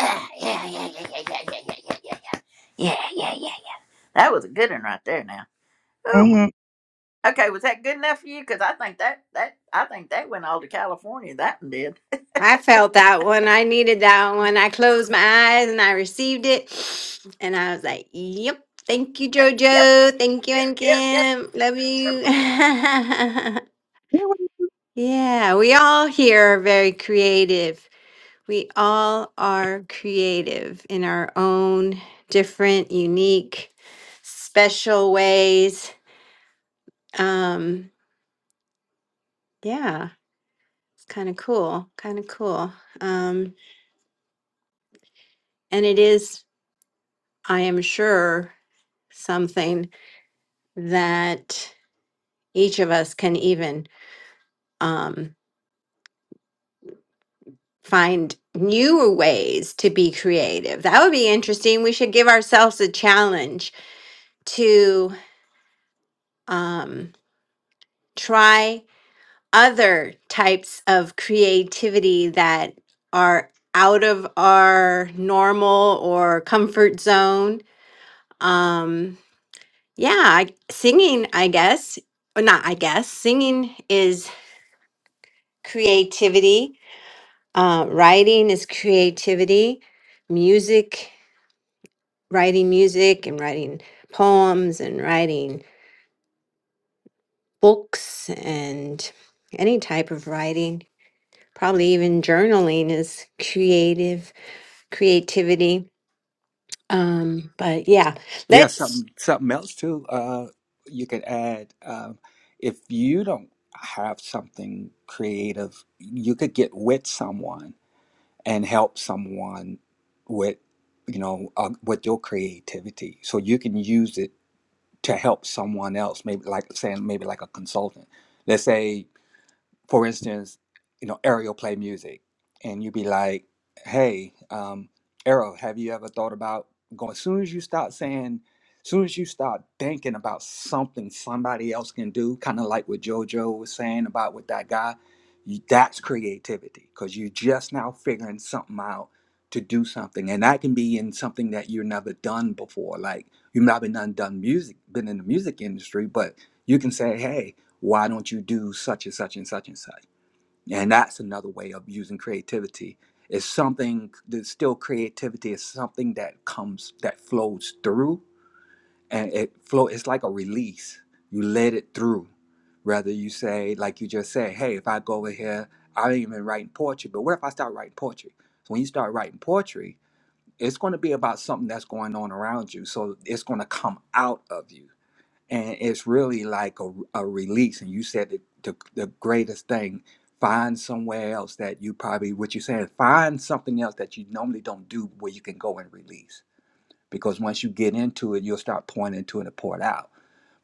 Ah, Yeah, yeah, yeah, yeah, yeah, yeah, yeah, yeah, yeah, yeah, yeah, yeah. That was a good one right there. Now, oh, Mm-hmm. my. okay, was that good enough for you? Because I think that that I think that went all to California. That one did. I felt that one. I needed that one. I closed my eyes and I received it. And I was like, yep. Thank you, Yep, JoJo. Thank you, and yep, yep. Kim. Love you. yeah, we all here are very creative. We all are creative in our own different, unique, special ways. Um, yeah. It's kind of cool, kind of cool. Um, and it is, I am sure, something that each of us can even um, find newer ways to be creative. That would be interesting. We should give ourselves a challenge to um, try other types of creativity that are out of our normal or comfort zone. Um, Yeah, I, singing, I guess, or not, I guess, singing is creativity. Uh, writing is creativity. Music, writing music and writing poems and writing books and any type of writing, probably even journaling is creative, creativity. Um, but yeah, yeah let's something something else too uh you could add um if you don't have something creative you could get with someone and help someone with you know uh, with your creativity so you can use it to help someone else maybe like saying maybe like a consultant let's say for instance, you know, Ariel play music, and you'd be like, "Hey, um, Ariel, have you ever thought about going?" As soon as you start saying, as soon as you start thinking about something somebody else can do, kind of like what JoJo was saying about with that guy, you, that's creativity because you're just now figuring something out to do something, and that can be in something that you've never done before. Like you've not been done done music, been in the music industry, but you can say, "Hey." why don't you do such and such and such and such and that's another way of using creativity it's something that's still creativity is something that comes that flows through and it flow it's like a release you let it through rather you say like you just said, hey if i go over here i ain't even writing poetry but what if i start writing poetry so when you start writing poetry it's going to be about something that's going on around you so it's going to come out of you and it's really like a, a release and you said the, the, the greatest thing find somewhere else that you probably what you're saying find something else that you normally don't do where you can go and release because once you get into it you'll start pouring into it and pour it out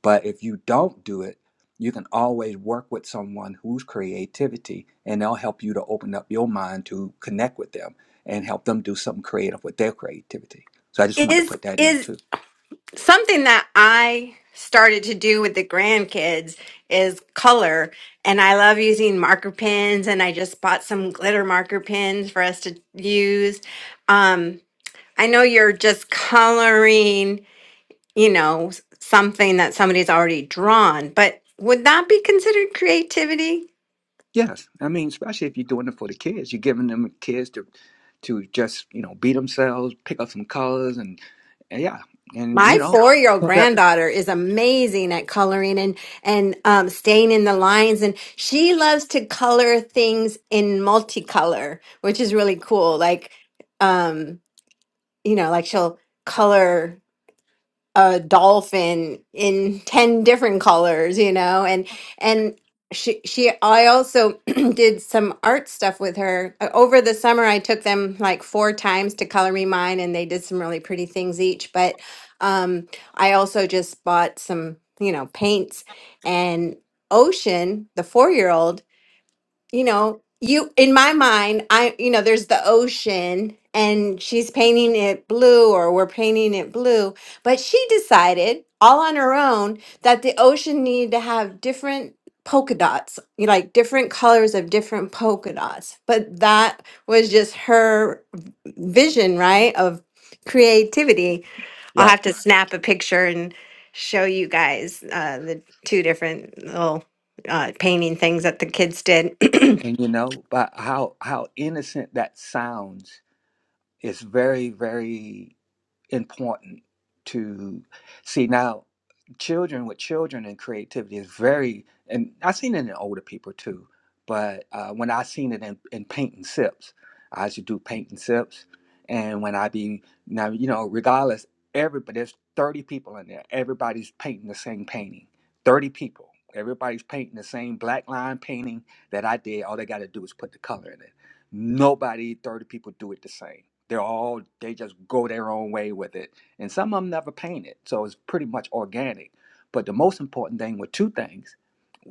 but if you don't do it you can always work with someone whose creativity and they'll help you to open up your mind to connect with them and help them do something creative with their creativity so i just wanted to is put that in is too something that I started to do with the grandkids is color. And I love using marker pens, and I just bought some glitter marker pens for us to use. Um, I know you're just coloring, you know, s- something that somebody's already drawn, but would that be considered creativity? Yes, I mean, especially if you're doing it for the kids, you're giving them kids to to just you know be themselves, pick up some colors, and, and yeah, and you My know, four-year-old Well, that- granddaughter is amazing at coloring and and um, staying in the lines, and she loves to color things in multicolor, which is really cool. Like, um, you know, like she'll color a dolphin in 10 different colors you know and and she she i also did some art stuff with her Uh, over the summer i took them like four times to color me mine and they did some really pretty things each but um i also just bought some you know paints and ocean the four year old you know, you in my mind, I you know, there's the ocean and she's painting it blue or we're painting it blue, but she decided all on her own that the ocean needed to have different polka dots, you know, like different colors of different polka dots. But that was just her vision, right, of creativity. I'll right, have to snap a picture and show you guys uh, the two different little uh, painting things that the kids did. and you know, but how how innocent that sounds is very very important to see now children with children and creativity is very and i've seen it in older people too but uh, when i seen it in, in paint and sips i used to do paint and sips and when i be now you know regardless everybody there's 30 people in there everybody's painting the same painting 30 people everybody's painting the same black line painting that i did all they got to do is put the color in it Nobody, 30 people do it the same. They're all, they just go their own way with it. And some of them never paint it. So it's pretty much organic. But the most important thing were two things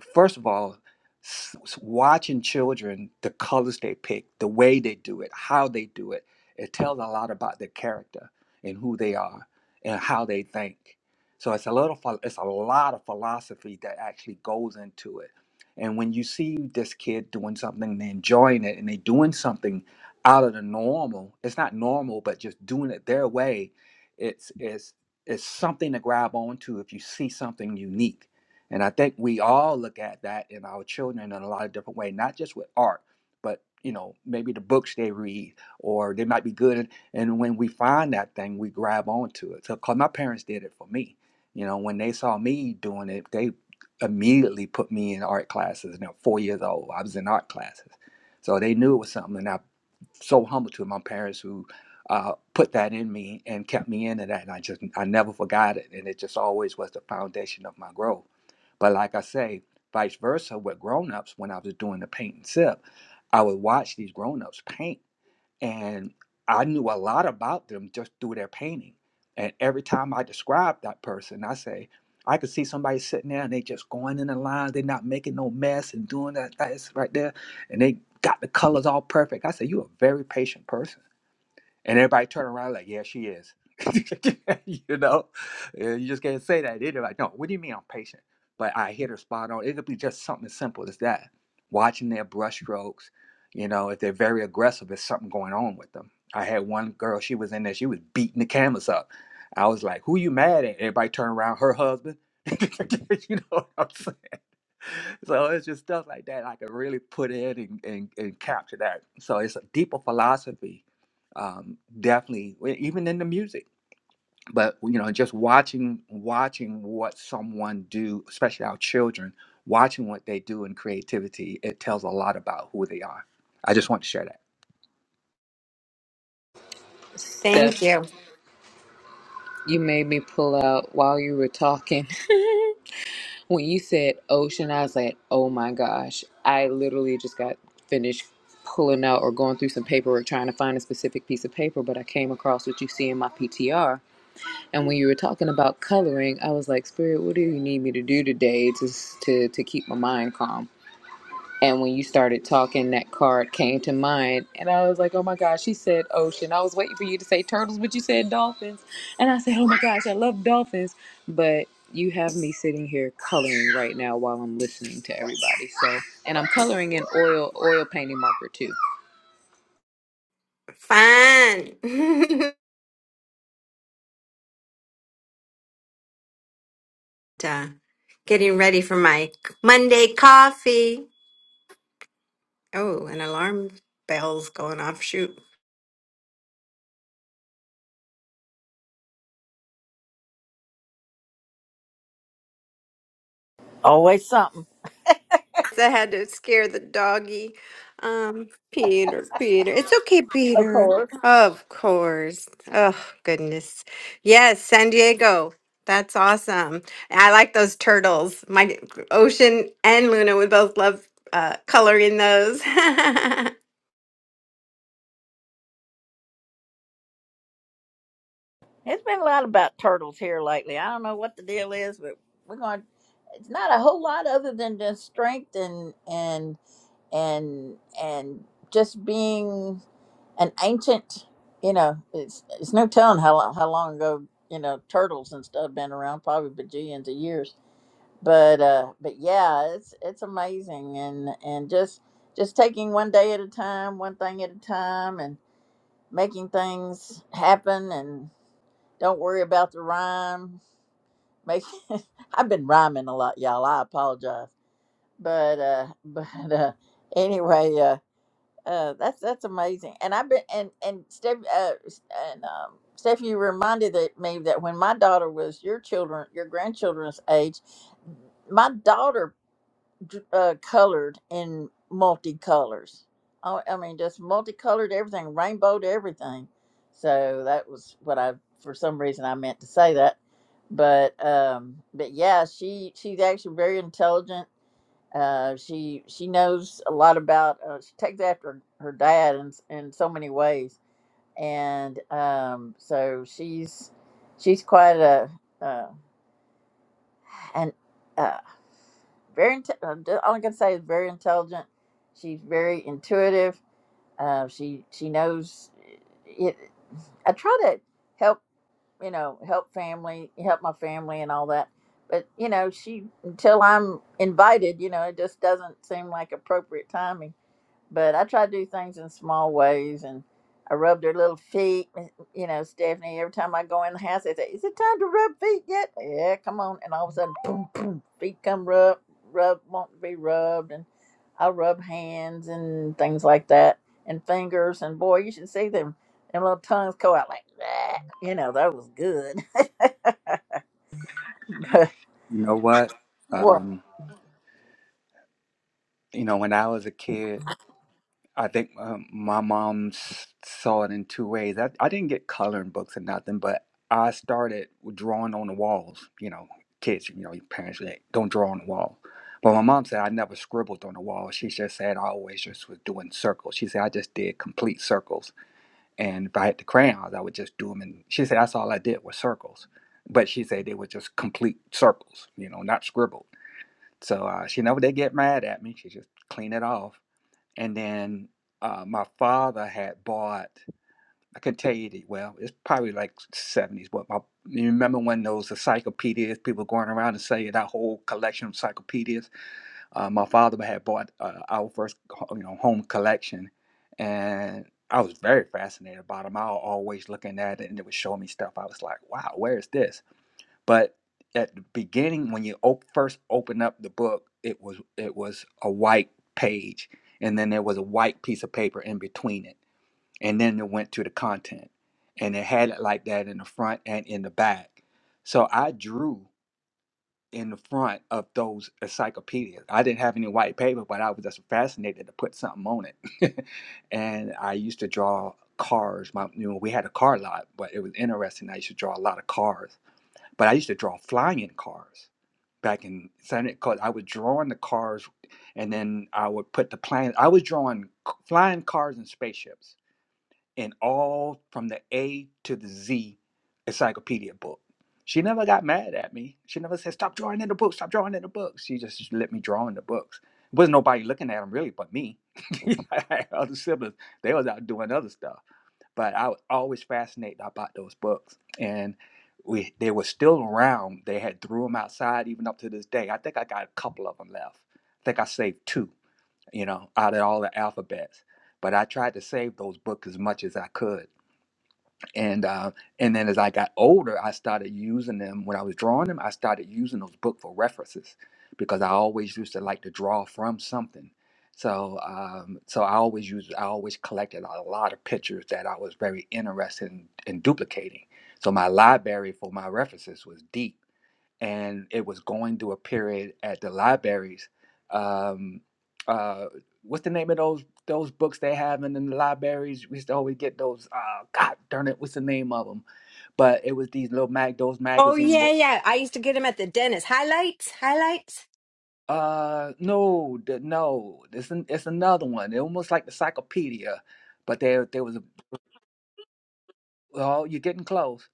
first of all, s- s- watching children, the colors they pick, the way they do it, how they do it, it tells a lot about their character and who they are and how they think. So it's a little, phil- it's a lot of philosophy that actually goes into it. And when you see this kid doing something, and they enjoying it, and they doing something out of the normal, it's not normal, but just doing it their way, it's it's it's something to grab onto if you see something unique and I think we all look at that in our children in a lot of different ways not just with art, but you know, maybe the books they read or they might be good. And, and when we find that thing, we grab onto it. So, cause my parents did it for me. You know, when they saw me doing it, they immediately put me in art classes. And i four years old, I was in art classes. So they knew it was something. And I so humble to my parents who uh, put that in me and kept me into that. And I just, I never forgot it. And it just always was the foundation of my growth. But like I say, vice versa with grown-ups, when I was doing the paint and sip, I would watch these grown-ups paint and I knew a lot about them just through their painting. And every time I describe that person, I say, I could see somebody sitting there and they just going in the lines, they're not making no mess and doing that that's right there, and they got the colors all perfect. I say, You're a very patient person and everybody turn around like, yeah, she is. you know, Uh, you just can't say that. They're like, no, what do you mean I'm patient? But I hit her spot on. It could be just something as simple as that. Watching their brushstrokes, you know, if they're very aggressive, there's something going on with them. I had one girl, she was in there, she was beating the canvas up. I was like, who you mad at? Everybody turned around, her husband. you know what I'm saying? so it's just stuff like that I can really put in and, and, and capture that. So it's a deeper philosophy, um, definitely, w- even in the music. But you know, just watching watching what someone do, especially our children, watching what they do in creativity, it tells a lot about who they are. I just want to share that. Thank Steph, you. you made me pull out while you were talking. When you said ocean, I was like, oh my gosh. I literally just got finished pulling out or going through some paperwork trying to find a specific piece of paper, but I came across what you see in my PTR. And when you were talking about coloring, I was like, Spirit, what do you need me to do today to, to, to keep my mind calm? And when you started talking, that card came to mind. And I was like, oh my gosh, she said ocean. I was waiting for you to say turtles, but you said dolphins. And I said, oh my gosh, I love dolphins. But you have me sitting here coloring right now while I'm listening to everybody. So, and I'm coloring in oil, oil painting marker too. Fun. Uh, Getting ready for my Monday coffee. Oh, an alarm bell's going off. Shoot. Always something. I had to scare the doggy. Um, Peter, Peter. It's okay, Peter. Of course. Oh, goodness. Yes, San Diego. That's awesome. I like those turtles. My Ocean and Luna would both love uh, coloring those. it has been a lot about turtles here lately. I don't know what the deal is, but we're going. It's not a whole lot other than just strength and and and and just being an ancient. You know, it's it's no telling how lo- how long ago you know turtles and stuff been around, probably bajillions of years. But uh, but yeah, it's it's amazing and and just just taking one day at a time, one thing at a time, and making things happen don't worry about the rhyme. Make I've been rhyming a lot, y'all. I apologize. But uh but uh anyway, uh uh that's that's amazing. And I've been and and Steph uh and um Steph, you reminded that me that when my daughter was your children, your grandchildren's age, my daughter dr- uh, colored in multicolors. I, I mean, just multicolored everything, rainbowed everything. So that was what I, for some reason, I meant to say that. But um, but yeah, she she's actually very intelligent. Uh, she she knows a lot about. Uh, she takes after her dad in in so many ways, and um, so she's she's quite a uh, an uh, very inte- um, d- all I can say is very intelligent. She's very intuitive. Uh, she she knows eh, it. I try to help you know help family help my family and all that, but you know she until I'm invited, you know it just doesn't seem like appropriate timing but I try to do things in small ways. And I rub their little feet. You know, Stephanie, every time I go in the house, they say, Is it time to rub feet yet? Yeah, come on. And all of a sudden, boom, boom, feet come rub, rub, want to be rubbed. And I rub hands and things like that and fingers. And boy, you should see them. Them little tongues go out like that. You know, that was good. But, You know what? well, Um, you know, when I was a kid. I think um, my mom s- saw it in two ways. I, I didn't get coloring books or nothing, but I started drawing on the walls. You know, kids, you know, your parents they don't draw on the wall. But my mom said I never scribbled on the wall. She just said I always just was doing circles. She said I just did complete circles. And if I had the crayons, I would just do them. And she said that's all I did was circles. But she said they were just complete circles, you know, not scribbled. So uh, she never did get mad at me. She just cleaned it off and then uh, my father had bought i can tell you the, well it's probably like 70s but my you remember when those encyclopedias people going around and saying that whole collection of encyclopedias uh, my father had bought uh, our first ho- you know home collection and i was very fascinated about them i was always looking at it and it would show me stuff i was like wow where is this but at the beginning when you op- first opened up the book it was it was a white page and then there was a white piece of paper in between it and then it went to the content and it had it like that in the front and in the back so i drew in the front of those encyclopedias i didn't have any white paper but i was just fascinated to put something on it and i used to draw cars my you know we had a car lot but it was interesting i used to draw a lot of cars but I used to draw flying cars back in Senate because I was drawing the cars and then I would put the plan. I was drawing c- flying cars and spaceships and all from the A to the Z encyclopedia book. She never got mad at me. She never said, Stop drawing in the book, stop drawing in the books. She just just let me draw in the books. Wasn't nobody looking at them really but me. I had Other siblings, they was out doing other stuff but I was always fascinated about those books, and we they were still around. They had threw them outside even up to this day. I think I got a couple of them left. I think I saved two, you know, out of all the alphabets. But I tried to save those books as much as I could and uh, and then as I got older, I started using them when I was drawing them. I started using those book for references because I always used to like to draw from something. So um, so I always used I always collected a lot of pictures that I was very interested in, in duplicating. So my library for my references was deep and it was going through a period at the libraries. Um, uh, what's the name of those those books they have in, in the libraries? We used to always get those. Uh, God darn it, what's the name of them? But it was these little mag those Oh magazine. yeah, wo- yeah. I used to get them at the dentist. Highlights, highlights. Uh, no, the, no, it's an, it's another one. they almost like the encyclopedia, but there there was a. Oh, you're getting close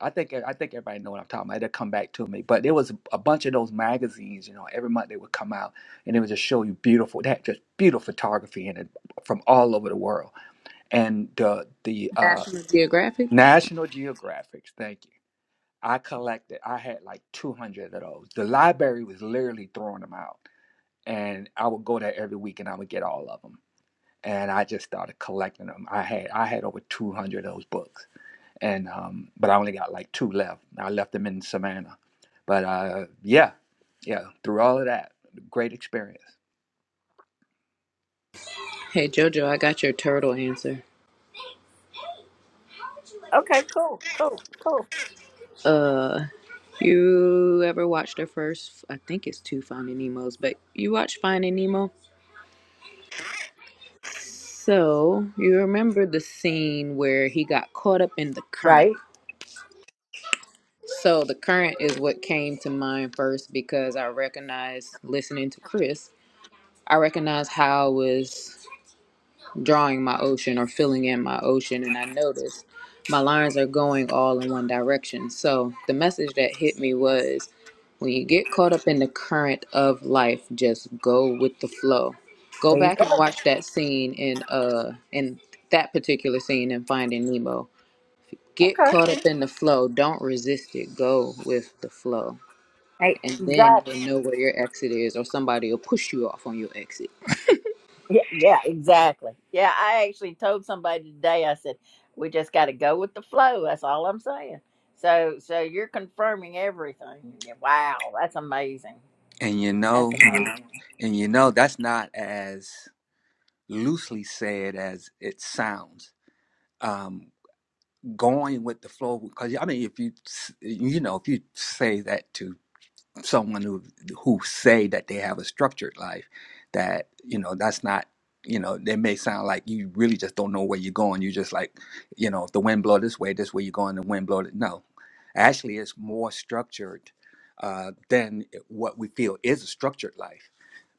I think I think everybody know what I'm talking about. It'll come back to me. But there was a bunch of those magazines, you know, every month they would come out and they would just show you beautiful that just beautiful photography in it from all over the world. And the the uh National Geographic. National Geographics, thank you. I collected I had like two hundred of those. The library was literally throwing them out. And I would go there every week and I would get all of them. And I just started collecting them. I had I had over two hundred of those books and um, but I only got like two left. I left them in Savannah, but uh, yeah, yeah, through all of that, great experience. Hey Jojo, I got your turtle answer. okay, cool, cool, cool. Uh, you ever watched the first? I think it's two Finding Nemos, but you watched Finding Nemo? So you remember the scene where he got caught up in the current. Right. So the current is what came to mind first because I recognized listening to Chris. I recognized how I was drawing my ocean or filling in my ocean, and I noticed my lines are going all in one direction. So the message that hit me was When you get caught up in the current of life, just go with the flow. Go There you back go. and watch that scene in uh in that particular scene in Finding Nemo. Get Okay. caught up in the flow. Don't resist it. Go with the flow. Hey, And exactly. then you'll know where your exit is or somebody will push you off on your exit. Yeah, yeah, exactly. Yeah, I actually told somebody today. I said we just got to go with the flow. That's all I'm saying. So, so you're confirming everything. Yeah, Wow, that's amazing. And you That's know, amazing. and you know, that's not as loosely said as it sounds. Um, going with the flow, because I mean, if you, you know, if you say that to. someone who who say that they have a structured life that you know that's not you know they may sound like you really just don't know where you're going you just like you know if the wind blow this way this way you're going the wind blow th- no actually it's more structured uh, than what we feel is a structured life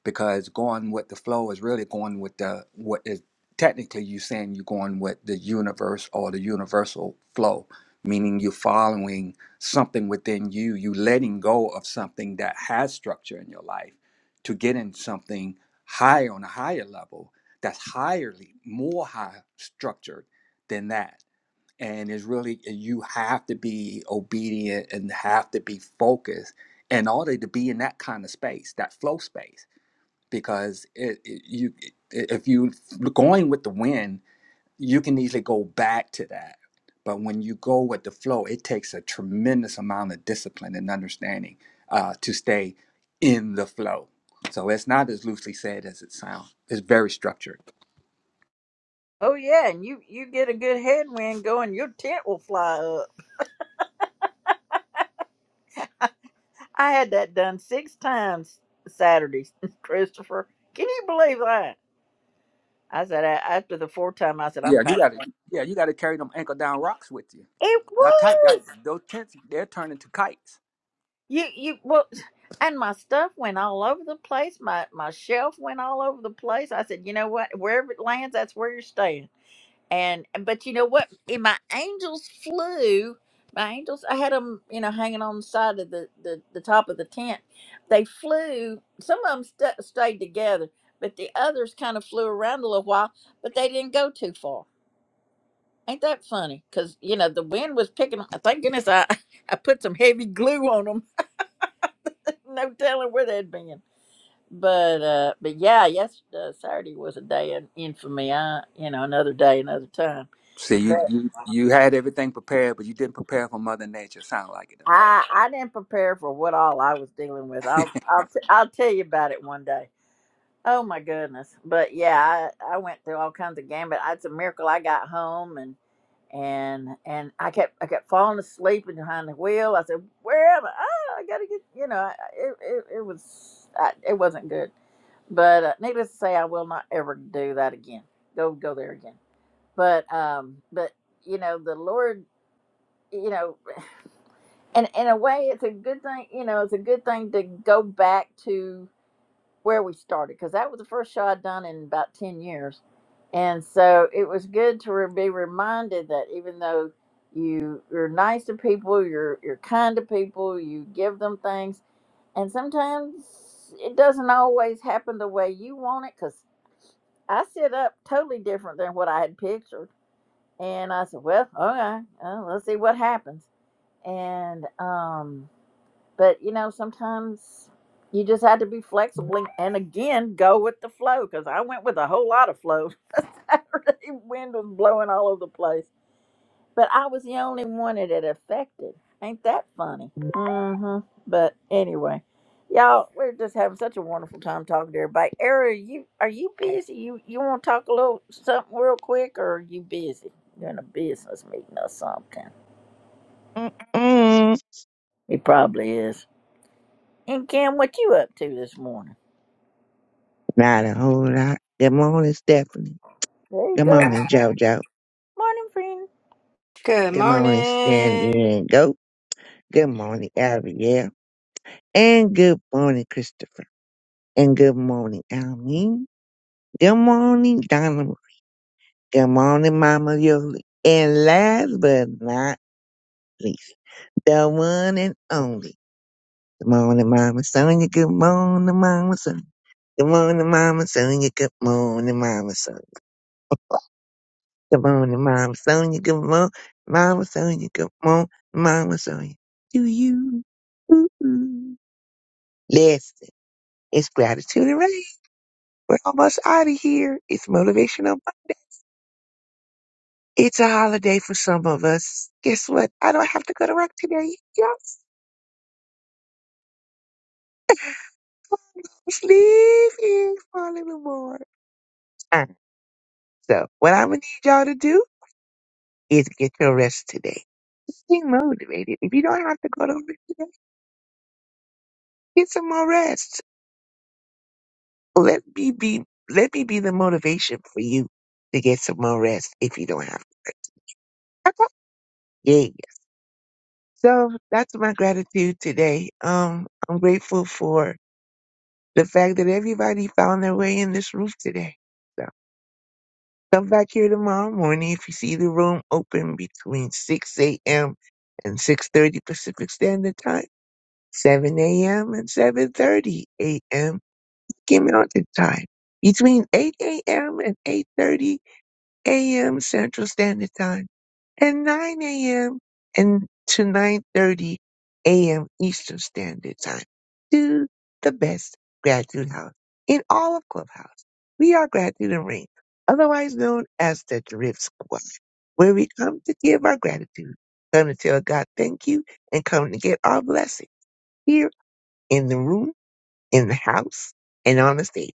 because going with the flow is really going with the what is technically you saying you're going with the universe or the universal flow meaning you're following something within you, you letting go of something that has structure in your life to get in something higher on a higher level that's higherly, more high structured than that. And it's really you have to be obedient and have to be focused in order to be in that kind of space, that flow space, because it, it- you if you going with the wind you can easily go back to that. But when you go with the flow, it takes a tremendous amount of discipline and understanding uh, to stay in the flow. So it's not as loosely said as it sounds. It's very structured. Oh yeah, and you you get a good headwind going, your tent will fly up. I had that done six times Saturday, Christopher. Can you believe that? I said a- after the fourth time, I said I'm Yeah, you packing. got to. Yeah, you got to carry them ankle down rocks with you. It Now tight. Now, was. those tents they're turning to kites. You you well and my stuff went all over the place. My my shelf went all over the place. I said, you know what? Wherever it lands, that's where you're staying. And but you know what? And my angels flew. My angels, I had them, you know, hanging on the side of the the, the top of the tent. They flew. Some of them st- stayed together, but the others kind of flew around a little while, but they didn't go too far. Ain't that funny? Because you know the wind was picking. Thank goodness I I put some heavy glue on them no telling where they'd been. But uh, but yeah, yesterday uh, Saturday was a day in infamy. I, you know, another day, another time. See, you But you you had everything prepared, but you didn't prepare for Mother Nature. Sound like it, all right? I I didn't prepare for what all I was dealing with. I'll I'll t- I'll tell you about it one day. Oh my goodness! But yeah, I, I went through all kinds of gambit. It's a miracle I got home, and. and and I kept I kept falling asleep and behind the wheel. I said, "Where am I? Ah, I gotta get you know." I- It it, it was I, it wasn't good, but uh, needless to say, I will not ever do that again. Go go there again. But um, but you know the Lord, you know, and in a way, it's a good thing. You know, it's a good thing to go back to where we started because that was the first show I'd done in about ten years and so it was good to re- be reminded that even though you you're nice to people, you're you're kind to people, you give them things, and sometimes it doesn't always happen the way you want it. Cause I set up totally different than what I had pictured, and I said, "Well, okay, uh, let's see what happens." And um, but you know sometimes you just had to be flexible and again go with the flow because i went with a whole lot of flow saturday wind was blowing all over the place but i was the only one that it affected ain't that funny mm-hmm but anyway y'all we're just having such a wonderful time talking to everybody Era, you are you busy you you want to talk a little something real quick or are you busy you're in a business meeting or something Mm-mm. he probably is and cam what you up to this morning Not a whole lot. Good morning, Stephanie. There you Good go. morning, JoJo. Morning, friend. Good Good morning, Sandy morning. and Goat. Good morning, Abigail. And good morning, Christopher. And good morning, Almeen. Good morning, Donovan. Good morning, Mama Yoli. And last but not least, the one and only. Good morning, Mama Sonia. Good morning, Mama Sonia. Good morning, Mama Sonia. Good morning, Mama Sonia. Good morning, Mama Sonia. Good morning, Mama Sonia. Good morning, Mama Sonia. Do you? Ooh. Listen, it's gratitude and rain. We're almost out of here. It's motivational. Monday. It's a holiday for some of us. Guess what? I don't have to go to work today. Yes, just leave here for a little more. time. So, what I'm gonna need y'all to do? is get your rest today. Stay motivated. If you don't have to go to work today, get some more rest. Let me be let me be the motivation for you to get some more rest if you don't have to. Okay? Yeah. yeah. So that's my gratitude today. Um I'm grateful for the fact that everybody found their way in this room today. So come back here tomorrow morning if you see the room open between six AM and six thirty Pacific Standard Time 7 a.m. and 7.30 a.m. Give me Mountain Time. Between 8 a.m. and 8.30 a.m. Central Standard Time. And 9 a.m. and to 9.30 a.m. Eastern Standard Time. To the best Gratitude House in all of Clubhouse. We are Gratitude and Rain, otherwise known as the Drip Squad, where we come to give our gratitude, come to tell God thank you, and come to get our blessing here in the room in the house and on the stage.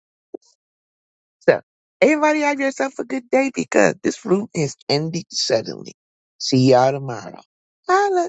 So everybody have yourself a good day because this room is ending suddenly. See y'all tomorrow. Holla.